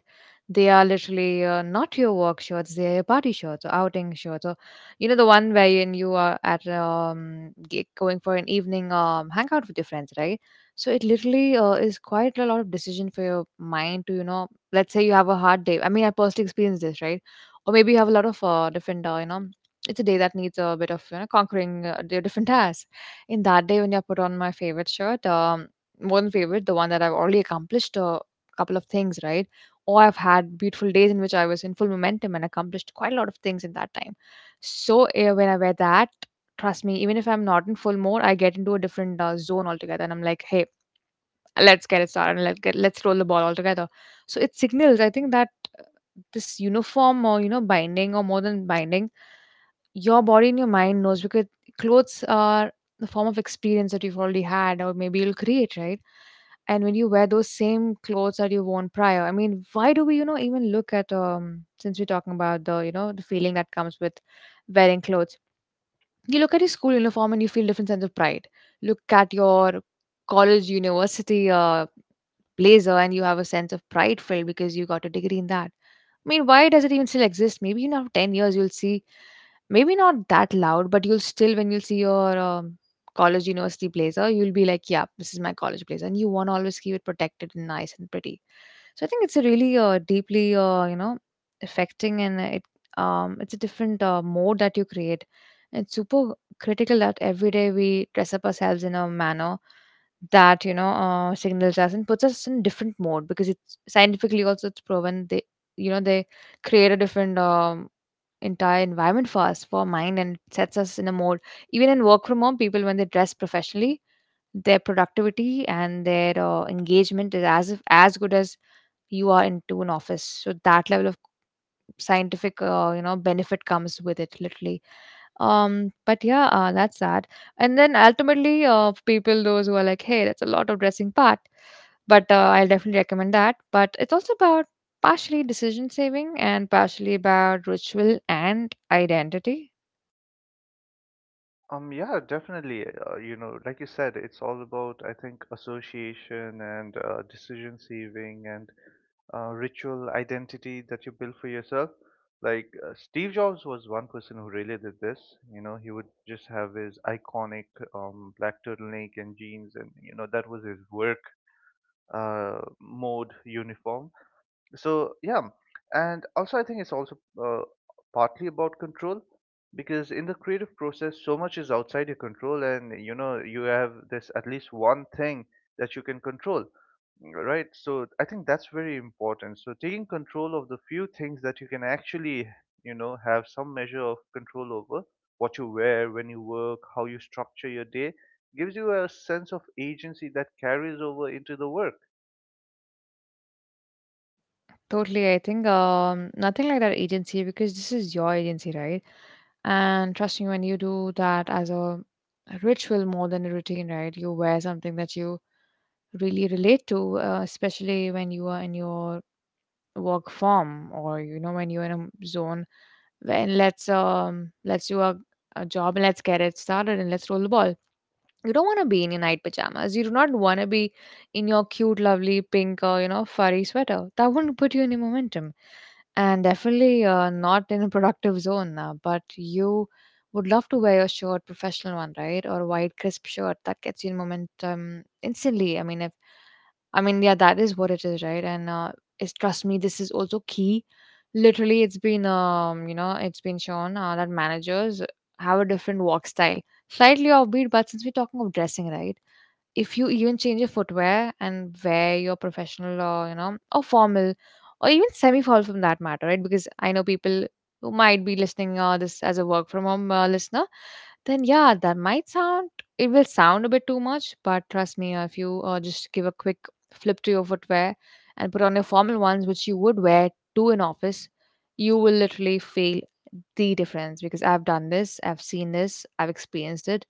Speaker 2: they are literally, uh, not your work shirts, they are your party shirts or outing shirts, or you know, the one wherein you are at, um g- going for an evening um hangout with your friends, right? So it literally, uh, is quite a lot of decision for your mind to, you know, let's say you have a hard day. I mean, I personally experienced this, right? Or maybe you have a lot of uh, different, uh, you know, it's a day that needs a bit of, you know, conquering uh, di- different tasks. In that day, when you put on my favorite shirt, um more than favorite, the one that I've already accomplished a couple of things, right? Or I've had beautiful days in which I was in full momentum and accomplished quite a lot of things in that time. So eh, when I wear that, trust me, even if I'm not in full mode, I get into a different uh, zone altogether, and I'm like, hey, let's get it started, and let's get let's roll the ball altogether. So it signals, I think, that this uniform, or you know, binding, or more than binding, your body and your mind knows, because clothes are the form of experience that you've already had, or maybe you'll create, right? And when you wear those same clothes that you've worn prior, I mean, why do we, you know, even look at, um since we're talking about the, you know, the feeling that comes with wearing clothes, you look at your school uniform and you feel different sense of pride. Look at your college, university uh, blazer, and you have a sense of pride filled because you got a degree in that. I mean, why does it even still exist? Maybe in after ten years, you'll see. Maybe not that loud, but you'll still, when you'll see your um, college university blazer, you'll be like, "Yeah, this is my college blazer," and you want to always keep it protected and nice and pretty. So I think it's a really uh, deeply, uh, you know, affecting. And it um, it's a different uh, mode that you create. It's super critical that every day we dress up ourselves in a manner that you know uh, signals us and puts us in different mode, because it's scientifically also it's proven they you know they create a different um, entire environment for us, for our mind, and it sets us in a mode. Even in work from home, people when they dress professionally, their productivity and their uh, engagement is as if as good as you are into an office. So that level of scientific uh, you know benefit comes with it literally. Um but yeah, uh, that's that. And then ultimately, uh people those who are like, "Hey, that's a lot of dressing part," but uh, I'll definitely recommend that. But it's also about partially decision saving and partially about ritual and identity.
Speaker 1: Um, yeah, definitely. Uh, you know, like you said, it's all about, I think, association and uh, decision saving and uh, ritual identity that you build for yourself. Like uh, Steve Jobs was one person who really did this. You know, he would just have his iconic um, black turtleneck and jeans, and you know that was his work uh, mode uniform. So yeah, and also I think it's also uh, partly about control, because in the creative process so much is outside your control, and you know you have this at least one thing that you can control, right? So I think that's very important. So taking control of the few things that you can actually, you know, have some measure of control over — what you wear, when you work, how you structure your day — gives you a sense of agency that carries over into the work.
Speaker 2: Totally. I think um nothing like that agency, because this is your agency, right? And trust me, when you do that as a ritual more than a routine, right, you wear something that you really relate to, uh, especially when you are in your work form, or you know, when you're in a zone, when let's um let's do a, a job and let's get it started and let's roll the ball. You don't want to be in your night pajamas. You do not want to be in your cute lovely pink, or you know, furry sweater that wouldn't put you in your momentum, and definitely uh, not in a productive zone. Uh, but you would love to wear your shirt, professional one, right? Or a white crisp shirt that gets you in momentum instantly. I mean if i mean yeah, that is what it is, right? And uh, it's, trust me, this is also key. Literally, it's been um you know, it's been shown uh, that managers have a different walk style. Slightly offbeat, but since we're talking of dressing, right? If you even change your footwear and wear your professional, or, you know, or formal, or even semi formal from that matter, right? Because I know people who might be listening uh, this as a work from home uh, listener, then yeah, that might sound, it will sound a bit too much, but trust me, uh, if you uh, just give a quick flip to your footwear and put on your formal ones, which you would wear to an office, you will literally feel the difference, because I've done this, I've seen this, I've experienced it,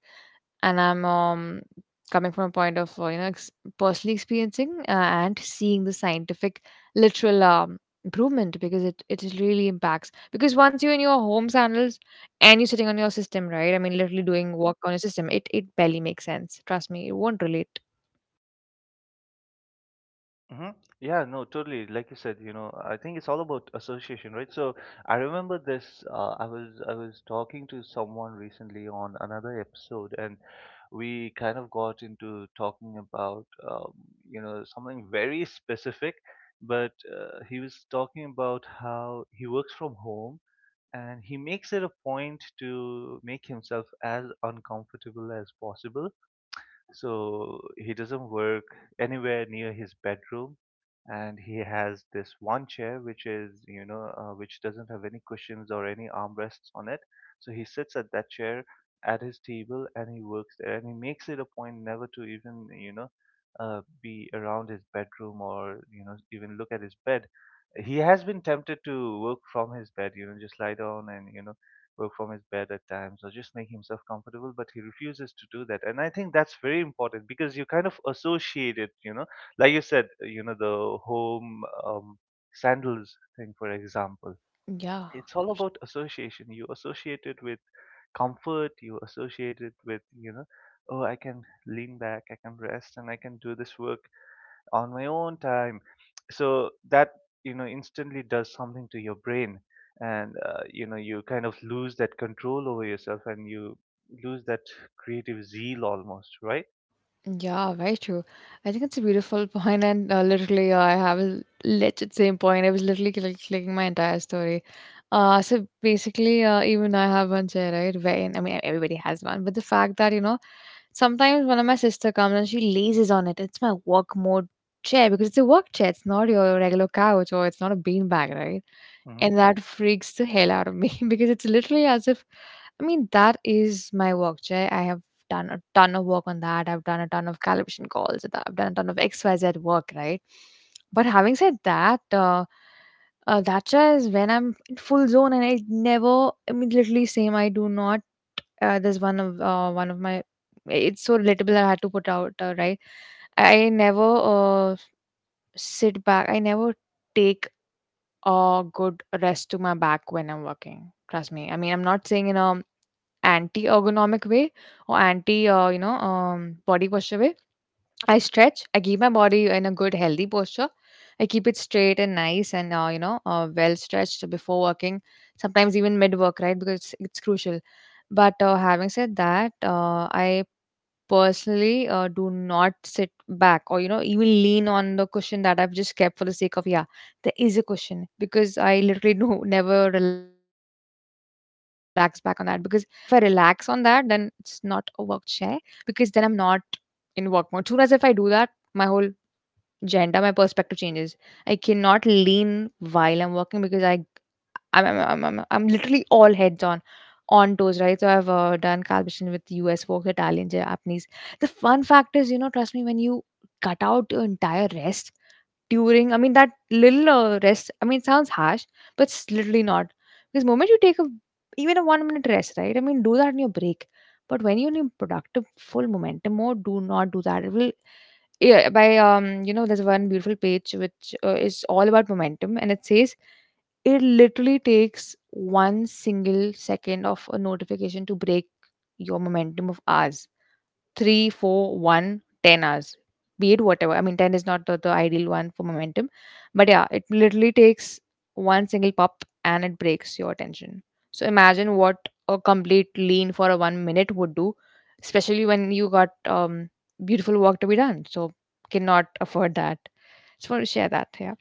Speaker 2: and I'm um, coming from a point of uh, you know ex- personally experiencing uh, and seeing the scientific literal um, improvement. Because it it really impacts, because once you're in your home channels and you're sitting on your system, right, I mean literally doing work on your system, it it barely makes sense. Trust me, it won't relate.
Speaker 1: Mm-hmm. Yeah, no, totally. Like you said, you know, I think it's all about association, right? So I remember this. Uh, I was I was talking to someone recently on another episode, and we kind of got into talking about um, you know something very specific. But uh, he was talking about how he works from home, and he makes it a point to make himself as uncomfortable as possible. So he doesn't work anywhere near his bedroom, and he has this one chair which is you know uh, which doesn't have any cushions or any armrests on it. So he sits at that chair at his table and he works there, and he makes it a point never to even, you know, uh, be around his bedroom or you know even look at his bed. He has been tempted to work from his bed, you know, just lie down and, you know, work from his bed at times or just make himself comfortable, but he refuses to do that. And I think that's very important, because you kind of associate it, you know, like you said, uh, you know, the home um, sandals thing, for example.
Speaker 2: Yeah.
Speaker 1: It's all about association. You associate it with comfort. You associate it with, you know, oh, I can lean back, I can rest, and I can do this work on my own time. So that, you know, instantly does something to your brain. And, uh, you know, you kind of lose that control over yourself and you lose that creative zeal almost, right?
Speaker 2: Yeah, very true. I think it's a beautiful point, and uh, literally, uh, I have a legit same point. I was literally cl- clicking my entire story. Uh, so basically, uh, even I have one chair, right? Wherein, I mean, everybody has one, but the fact that you know, sometimes one of my sister comes and she lazes on it. It's my work mode chair, because it's a work chair. It's not your regular couch, or it's not a beanbag, right?
Speaker 1: Mm-hmm.
Speaker 2: And that freaks the hell out of me because it's literally as if, I mean, that is my work, Jay. I have done a ton of work on that. I've done a ton of calibration calls, and I've done a ton of X Y Z work, right? But having said that, uh, uh, that Jay is when I'm in full zone. And I never immediately same. I do not. Uh, there's one of uh, one of my. It's so relatable. I had to put out uh, right. I never uh, sit back. I never take a good rest to my back when I'm working. Trust me, I mean, I'm not saying in a anti-ergonomic way, or anti uh, you know um, body posture way. I stretch, I keep my body in a good healthy posture. I keep it straight and nice and uh, you know uh, well stretched before working, sometimes even mid work, right? Because it's, it's crucial. But uh, having said that, uh, I personally uh, do not sit back, or you know, even lean on the cushion that I've just kept for the sake of, yeah, there is a cushion, because I literally do never relax back on that. Because if I relax on that, then it's not a work chair, because then I'm not in work mode. Soon as if I do that, my whole agenda, my perspective changes. I cannot lean while I'm working because I I'm I'm I'm, I'm, I'm literally all heads on on toes, right? So I've uh, done calibration with U S folks, Italian, Japanese. The fun fact is, you know, trust me, when you cut out your entire rest, during, I mean, that little uh, rest, I mean, it sounds harsh, but it's literally not. Because moment you take a, even a one minute rest, right? I mean, do that in your break. But when you're in a productive, full momentum mode, do not do that. It will, yeah, by um, you know, there's one beautiful page which uh, is all about momentum, and it says it literally takes one single second of a notification to break your momentum of hours. Three, four, one, ten hours, be it whatever. I mean, ten is not the, the ideal one for momentum, but yeah, it literally takes one single pop and it breaks your attention. So imagine what a complete lean for a one minute would do, especially when you got um, beautiful work to be done. So cannot afford that. Just want to share that. Yeah.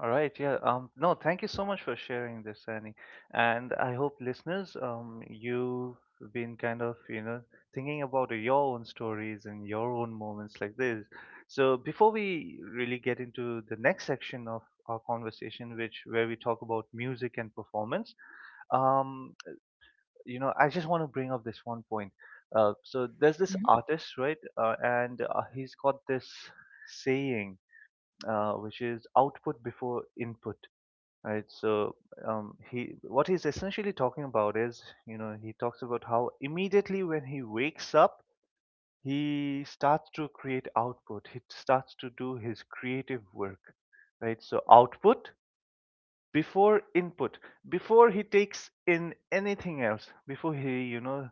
Speaker 1: All right, yeah. Um, no, thank you so much for sharing this, Annie. And I hope listeners, um, you've been kind of, you know, thinking about your own stories and your own moments like this. So before we really get into the next section of our conversation, which where we talk about music and performance, um, you know, I just want to bring up this one point. Uh, so there's this
Speaker 2: Mm-hmm.
Speaker 1: artist, right? Uh, and uh, he's got this saying, uh, which is output before input. Right, so um, he what he's essentially talking about is, you know, he talks about how immediately when he wakes up, he starts to create output. He starts to do his creative work, right? So output before input, before he takes in anything else, before he, you know,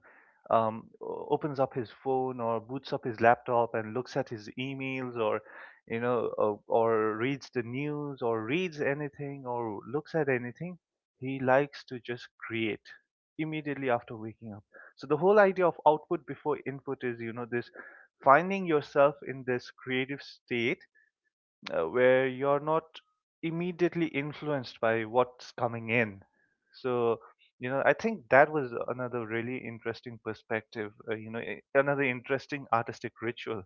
Speaker 1: um, opens up his phone or boots up his laptop and looks at his emails or, you know, or, or reads the news or reads anything or looks at anything, he likes to just create immediately after waking up. So the whole idea of output before input is, you know, this finding yourself in this creative state uh, where you're not immediately influenced by what's coming in. So, you know, I think that was another really interesting perspective, uh, you know, a- another interesting artistic ritual.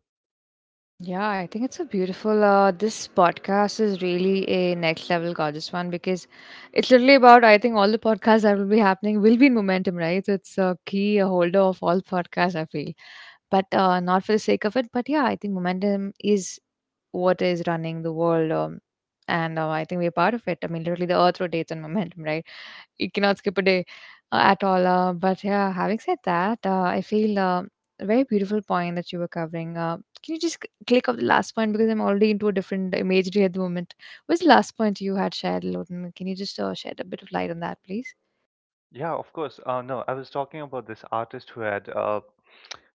Speaker 2: Yeah, I think it's a beautiful. Uh, this podcast is really a next level gorgeous one, because it's literally about, I think, all the podcasts that will be happening will be in momentum, right? So it's a key a holder of all podcasts, I feel. But uh, not for the sake of it. But yeah, I think momentum is what is running the world, um, and uh, I think we're part of it. I mean, literally, the Earth rotates on momentum, right? You cannot skip a day uh, at all. Uh, but yeah, having said that, uh, I feel uh, a very beautiful point that you were covering. Uh, can you just c- click off the last point, because I'm already into a different imagery at the moment. What's the last point you had shared, Loden? Can you just uh, shed a bit of light on that, please?
Speaker 1: Yeah, of course. Uh, no, I was talking about this artist who had uh,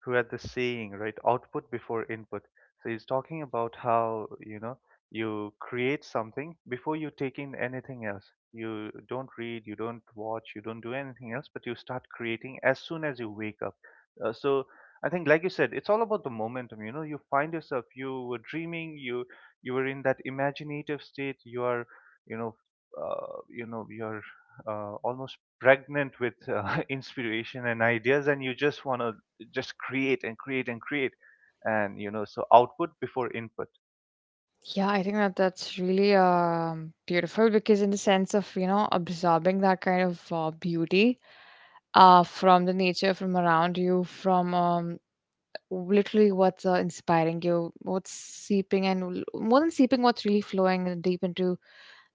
Speaker 1: who had this saying, right? Output before input. So he's talking about how, you know, you create something before you take in anything else. You don't read, you don't watch, you don't do anything else, but you start creating as soon as you wake up. Uh, so I think, like you said, it's all about the momentum. You know, you find yourself. You were dreaming. You you were in that imaginative state. You are, you know, uh, you know, you're uh, almost pregnant with uh, inspiration and ideas, and you just want to just create and create and create. And you know, so output before input.
Speaker 2: Yeah, I think that that's really um, beautiful, because in the sense of, you know, absorbing that kind of uh, beauty uh, from the nature, from around you, from um, literally what's uh, inspiring you, what's seeping and l- more than seeping, what's really flowing deep into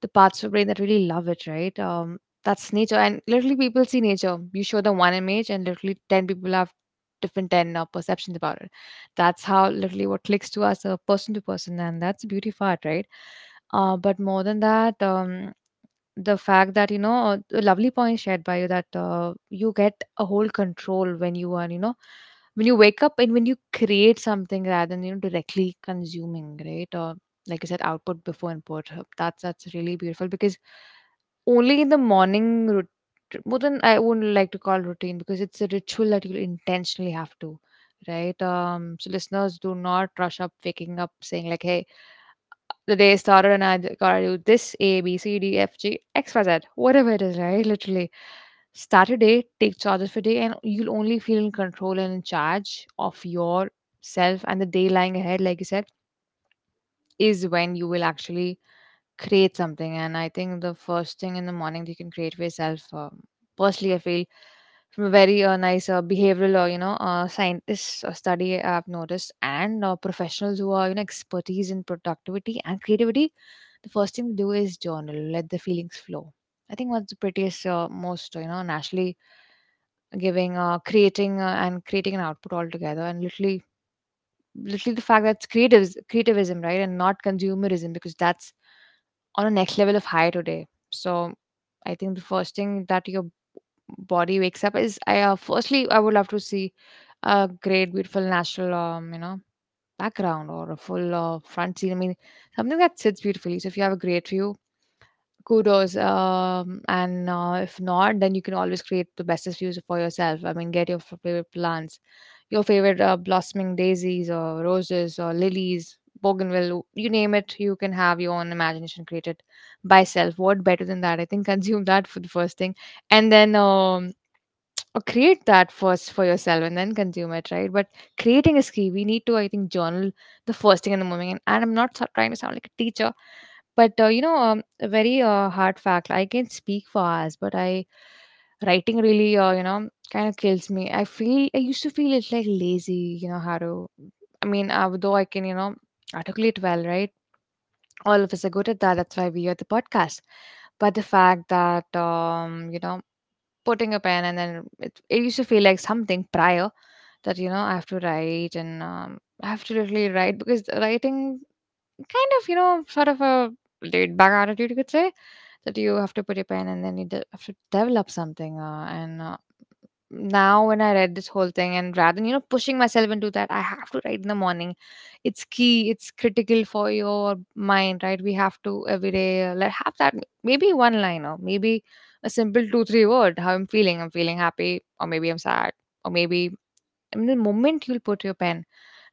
Speaker 2: the parts of brain that really love it, right? Um, that's nature, and literally people see nature. You show them one image, and literally ten people have different ten uh, perceptions about it. That's how literally what clicks to us, uh, person to person, and that's the beauty of art, right? Uh, but more than that, um, the fact that you know, a lovely point shared by you, that uh, you get a whole control when you are, you know, when you wake up and when you create something, rather than, you know, directly consuming, right? Or like I said, output before input. That's that's really beautiful, because only in the morning rut- more than, I wouldn't like to call routine, because it's a ritual that you intentionally have to, right? Um, so listeners, do not rush up waking up saying like, "Hey, the day started and I d- gotta do this A B C D F G X Y Z, whatever it is," right? Literally. Start a day, take charges for day, and you'll only feel in control and in charge of yourself and the day lying ahead, like you said, is when you will actually create something. And I think the first thing in the morning that you can create for yourself, um, personally, I feel from a very uh, nice uh, behavioral, or you know, uh, scientists or study I've noticed, and uh, professionals who are, you know, expertise in productivity and creativity, the first thing to do is journal, let the feelings flow. I think that's the prettiest, uh, most uh, you know naturally giving, uh, creating uh, and creating an output altogether, and literally literally the fact that's creatives creativism, right? And not consumerism, because that's on a next level of high today. So I think the first thing that your body wakes up is I uh, firstly I would love to see a great, beautiful natural um, you know, background, or a full uh, front scene. I mean, something that sits beautifully. So if you have a great view, kudos, um, and uh, if not then you can always create the bestest views for yourself. I mean, get your f- favorite plants, your favorite uh, blossoming daisies or roses or lilies, bougainville, you name it. You can have your own imagination created by self. What better than that? I think consume that for the first thing. And then um, or create that first for yourself and then consume it, right? But creating is key. We need to, I think, journal the first thing in the morning. And, and I'm not so- trying to sound like a teacher, but uh, you know, um, a very uh, hard fact. I can speak for hours, but I, writing really, uh, you know, kind of kills me. I feel, I used to feel it's like lazy. You know how to. I mean, uh, though I can, you know, articulate well, right? All of us are good at that. That's why we are the podcast. But the fact that um, you know putting a pen, and then it, it used to feel like something prior, that you know I have to write, and um, I have to literally write because the writing, kind of, you know, sort of a laid back attitude, you could say, that you have to put your pen and then you de- have to develop something, uh, and uh, now when I read this whole thing, and rather than, you know, pushing myself into that, I have to write in the morning. It's key, it's critical for your mind, right? We have to every day, uh, like, have that maybe one line, or maybe a simple two, three word, how I'm feeling. I'm feeling happy, or maybe I'm sad, or maybe in the moment you'll put your pen.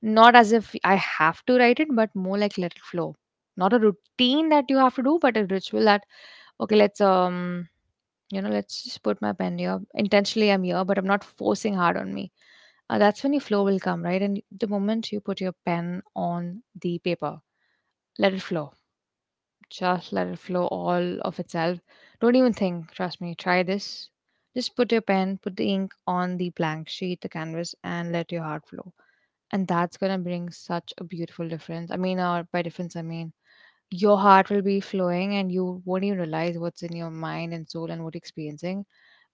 Speaker 2: Not as if I have to write it, but more like let it flow. Not a routine that you have to do, but a ritual that, okay, let's um you know let's just put my pen here intentionally. I'm here, but I'm not forcing hard on me. Uh, That's when your flow will come, right? And the moment you put your pen on the paper, let it flow. Just let it flow all of itself. Don't even think. Trust me, try this. Just put your pen, put the ink on the blank sheet, the canvas, and let your heart flow. And that's going to bring such a beautiful difference. I mean, or by difference I mean, your heart will be flowing and you won't even realize what's in your mind and soul and what you're experiencing.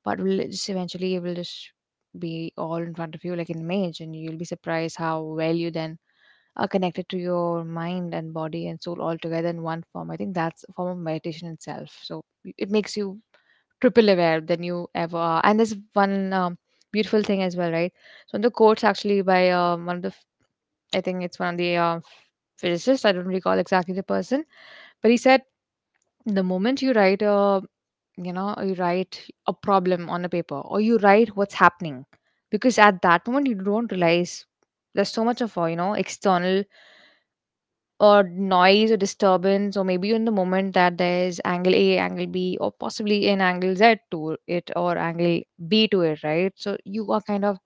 Speaker 2: But will it just, eventually it will just be all in front of you like an image, and you'll be surprised how well you then are connected to your mind and body and soul all together in one form. I think that's a form of meditation itself. So it makes you triple aware than you ever are. And there's one, um, beautiful thing as well, right? So the quotes actually by um, one of the f- i think it's one of the uh, physicists, I don't recall exactly the person, but he said, the moment you write a, you know, you write a problem on a paper, or you write what's happening, because at that moment you don't realize there's so much of uh, you know external or noise or disturbance, or maybe in the moment that there's angle A, angle B, or possibly an angle Z to it, or angle B to it, right? So you are kind of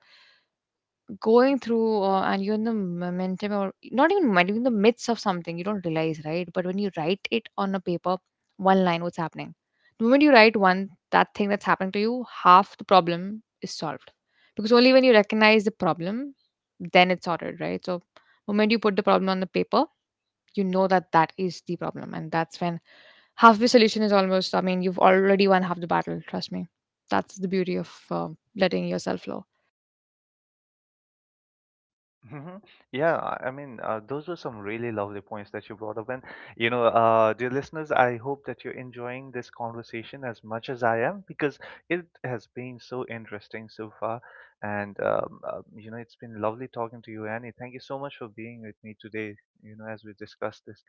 Speaker 2: going through, uh, and you're in the momentum, or not even momentum, in the midst of something you don't realize, right? But when you write it on a paper, one line, what's happening, the moment you write one that thing that's happening to you, half the problem is solved. Because only when you recognize the problem, then it's sorted, right? So moment you put the problem on the paper, you know that that is the problem, and that's when half the solution is almost, I mean, you've already won half the battle, trust me. That's the beauty of uh, letting yourself flow.
Speaker 1: Hmm. Yeah, I I mean, uh, those were some really lovely points that you brought up. And, you know, uh, dear listeners, I hope that you're enjoying this conversation as much as I am, because it has been so interesting so far. And, um, uh, you know, it's been lovely talking to you, Annie. Thank you so much for being with me today, you know, as we discussed this.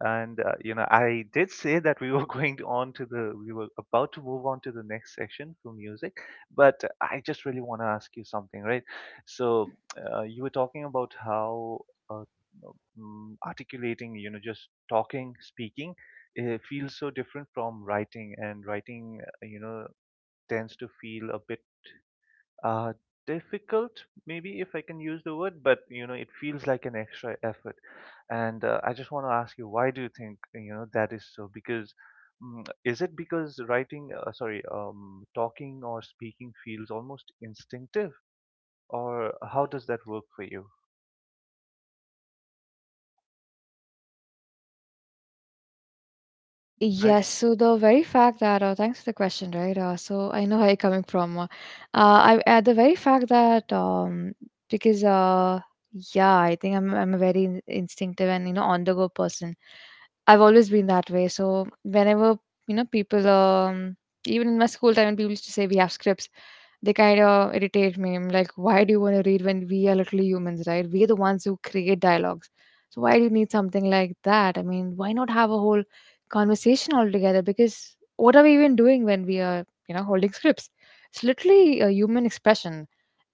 Speaker 1: And, uh, you know, I did say that we were going on to the, we were about to move on to the next section for music, but I just really want to ask you something, right?
Speaker 2: Mhm.
Speaker 1: So, uh, you were talking about how uh, mm, articulating, you know, just talking, speaking, uh feels so different from writing, and writing, uh, you know, tends to feel a bit uh, difficult, maybe if I can use the word, but you know, it feels like an extra effort. And uh, I just want to ask you, why do you think, you know, that is so? Because mm, is it because writing, uh, sorry, um, talking or speaking feels almost instinctive, or how does that work for you?
Speaker 2: Yes, so the very fact that, uh, thanks for the question, right? Uh, so I know where you're coming from. Uh, I uh, The very fact that um because uh yeah, I think I'm I'm a very in- instinctive and, you know, on the go person. I've always been that way. So whenever, you know, people, um, even in my school time, when people used to say we have scripts, they kind of irritate me. I'm like, why do you want to read when we are literally humans, right? We are the ones who create dialogues. So why do you need something like that? I mean, why not have a whole conversation altogether? Because what are we even doing when we are, you know, holding scripts? It's literally a human expression.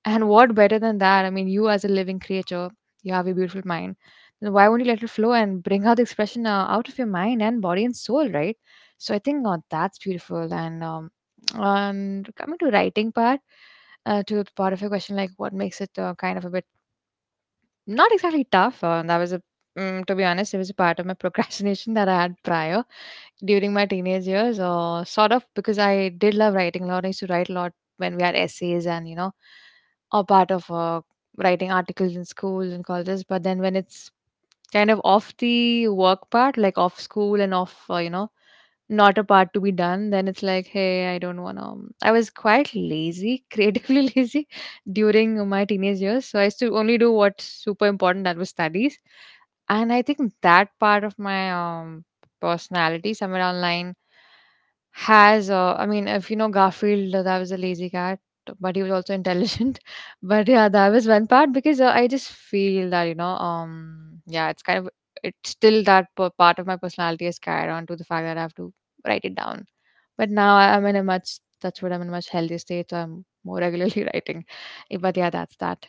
Speaker 2: And what better than that? I mean, you as a living creature, you have a beautiful mind. Then why won't you let it flow and bring out the expression uh, out of your mind and body and soul, right? So I think, uh, that's beautiful. And um, and coming to writing part, uh, to the part of your question, like what makes it uh, kind of a bit not exactly tough, uh, that was a mm, to be honest, it was a part of my procrastination that I had prior during my teenage years, or sort of, because I did love writing a lot. I used to write a lot when we had essays, and you know, a part of uh, writing articles in schools and colleges. But then when it's kind of off the work part, like off school and off, uh, you know, not a part to be done, then it's like, hey, I don't want to. I was quite lazy, creatively lazy during my teenage years. So I used to only do what's super important, that was studies. And I think that part of my, um, personality, somewhere online, has, uh, I mean, if you know Garfield, uh, that was a lazy cat, but he was also intelligent. But yeah, that was one part, because uh, I just feel that, you know, um, yeah, it's kind of, it's still that p- part of my personality is carried on to the fact that I have to write it down. But now I- I'm in a much, that's what, I'm in a much healthier state. So I'm more regularly writing. Eh, but yeah, that's that.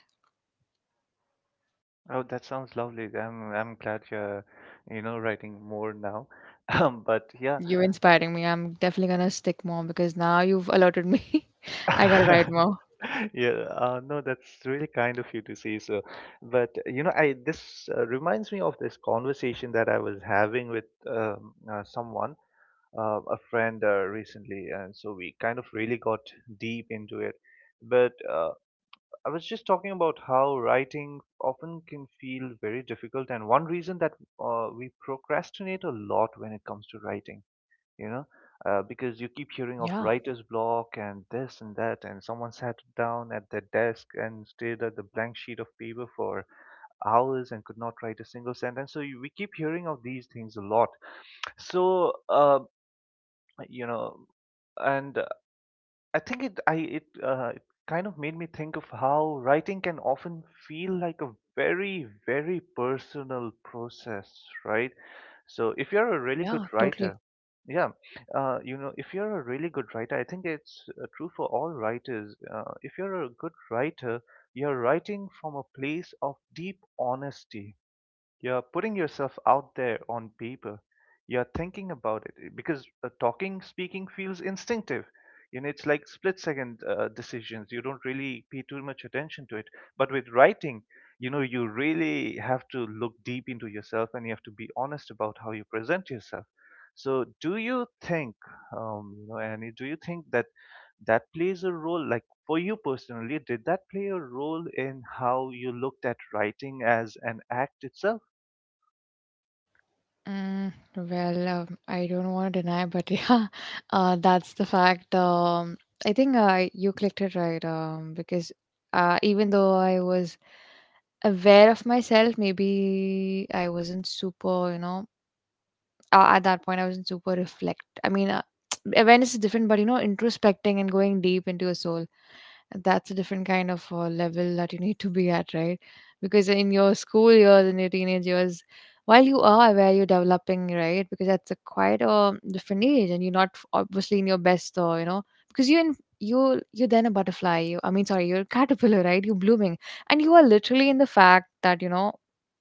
Speaker 1: Oh, that sounds lovely. I'm I'm glad you're, you know, writing more now. Um, but yeah.
Speaker 2: You're inspiring me. I'm definitely going to stick more because now you've alerted me. I got to write more.
Speaker 1: Yeah, uh, no, that's really kind of you to say so. But you know, I this uh, reminds me of this conversation that I was having with um, uh, someone, uh, a friend uh, recently, and so we kind of really got deep into it. But uh, I was just talking about how writing often can feel very difficult, and one reason that uh, we procrastinate a lot when it comes to writing, you know, uh, because you keep hearing of
Speaker 2: Yeah.
Speaker 1: writer's block and this and that, and someone sat down at their desk and stared at the blank sheet of paper for hours and could not write a single sentence. So you, we keep hearing of these things a lot. So, uh, you know, and I think it I it uh, it kind of made me think of how writing can often feel like a very, very personal process, right? So if you're a really good
Speaker 2: Yeah, totally.
Speaker 1: writer, yeah, uh, you know, if you're a really good writer, I think it's uh, true for all writers. Uh, if you're a good writer, you're writing from a place of deep honesty. You're putting yourself out there on paper. You're thinking about it eh, because uh, talking, speaking feels instinctive. You know, it's like split second uh, decisions. You don't really pay too much attention to it. But with writing, you know, you really have to look deep into yourself and you have to be honest about how you present yourself. So, do you think, um, you know, Annie, do you think that that plays a role, like for you personally, did that play a role in how you looked at writing as an act itself?
Speaker 2: Mm, well, um, I don't want to deny, but yeah, uh, that's the fact. Um, I think, uh, you clicked it right. Um, because uh, even though I was aware of myself, maybe I wasn't super. You know, uh, at that point, I wasn't super reflect. I mean, uh, awareness is different, but you know, introspecting and going deep into your soul, that's a different kind of uh, level that you need to be at, right? Because in your school years, in your teenage years, while you are aware you're developing, right? Because that's a quite a different age, and you're not obviously in your best, or you know, because you're in, you you're then a butterfly. You, I mean, sorry, you're a caterpillar, right? You're blooming, and you are literally in the fact that you know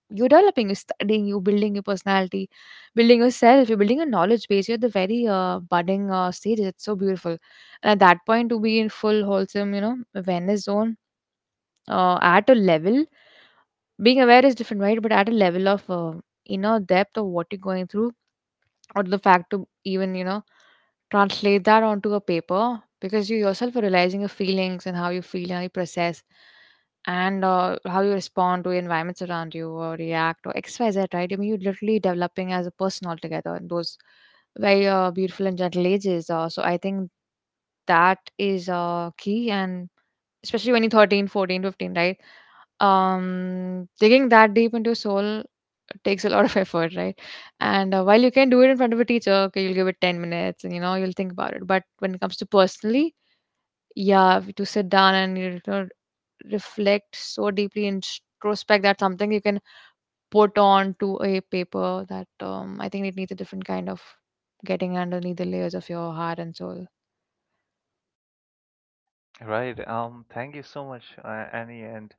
Speaker 2: you're developing, you're studying, you're building your personality, building yourself, you're building a knowledge base. You're at the very uh, budding uh, stages. It's so beautiful. And at that point, to be in full wholesome, you know, awareness zone, uh, at a level, being aware is different, right? But at a level of uh, inner depth of what you're going through, or the fact to even, you know, translate that onto a paper, because you yourself are realizing your feelings, and how you feel, how you process, and uh, how you respond to environments around you, or react, or xyz, right? I mean, you're literally developing as a person altogether in those very uh, beautiful and gentle ages. Uh, So I think that is uh, key. And especially when you're thirteen, fourteen, fifteen, right? Um, digging that deep into your soul takes a lot of effort, right? And uh, while you can do it in front of a teacher, okay, you'll give it ten minutes and, you know, you'll think about it. But when it comes to personally, yeah, if you to sit down and, you know, reflect so deeply in introspect, that's something you can put on to a paper, that um, I think it needs a different kind of getting underneath the layers of your heart and soul.
Speaker 1: Right. Um, thank you so much, uh, Annie. And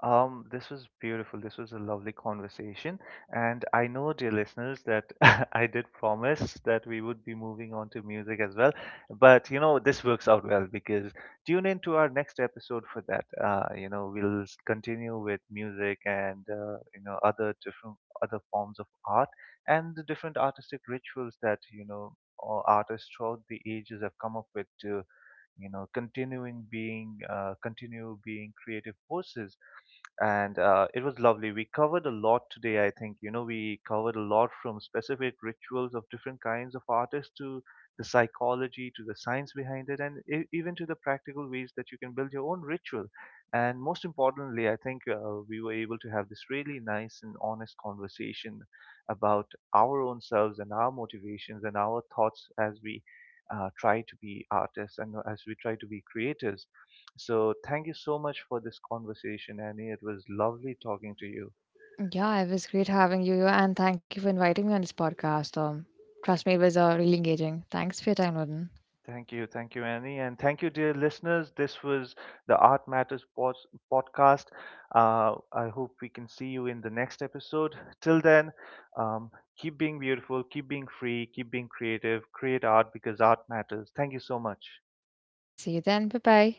Speaker 1: um, this was beautiful. This was a lovely conversation. And I know, dear listeners, that I did promise that we would be moving on to music as well. But, you know, this works out well because tune in to our next episode for that. Uh, you know, we'll s- continue with music and, uh, you know, other different other forms of art and the different artistic rituals that, you know, uh, artists throughout the ages have come up with to, you know, continuing being uh, continue being creative forces. And uh, it was lovely. We covered a lot today, I think. You know, we covered a lot, from specific rituals of different kinds of artists to the psychology, to the science behind it, and e- even to the practical ways that you can build your own ritual. And most importantly, I think uh, we were able to have this really nice and honest conversation about our own selves and our motivations and our thoughts as we uh, try to be artists and as we try to be creators. So thank you so much for this conversation, Annie. It was lovely talking to you.
Speaker 2: Yeah, it was great having you, and thank you for inviting me on this podcast. Um, trust me, it was uh, really engaging. Thanks for your time, Odin.
Speaker 1: Thank you. Thank you, Annie. And thank you, dear listeners. This was the Art Matters pod- podcast. Uh, I hope we can see you in the next episode. Till then, um, keep being beautiful, keep being free, keep being creative, create art because art matters. Thank you so much.
Speaker 2: See you then. Bye bye.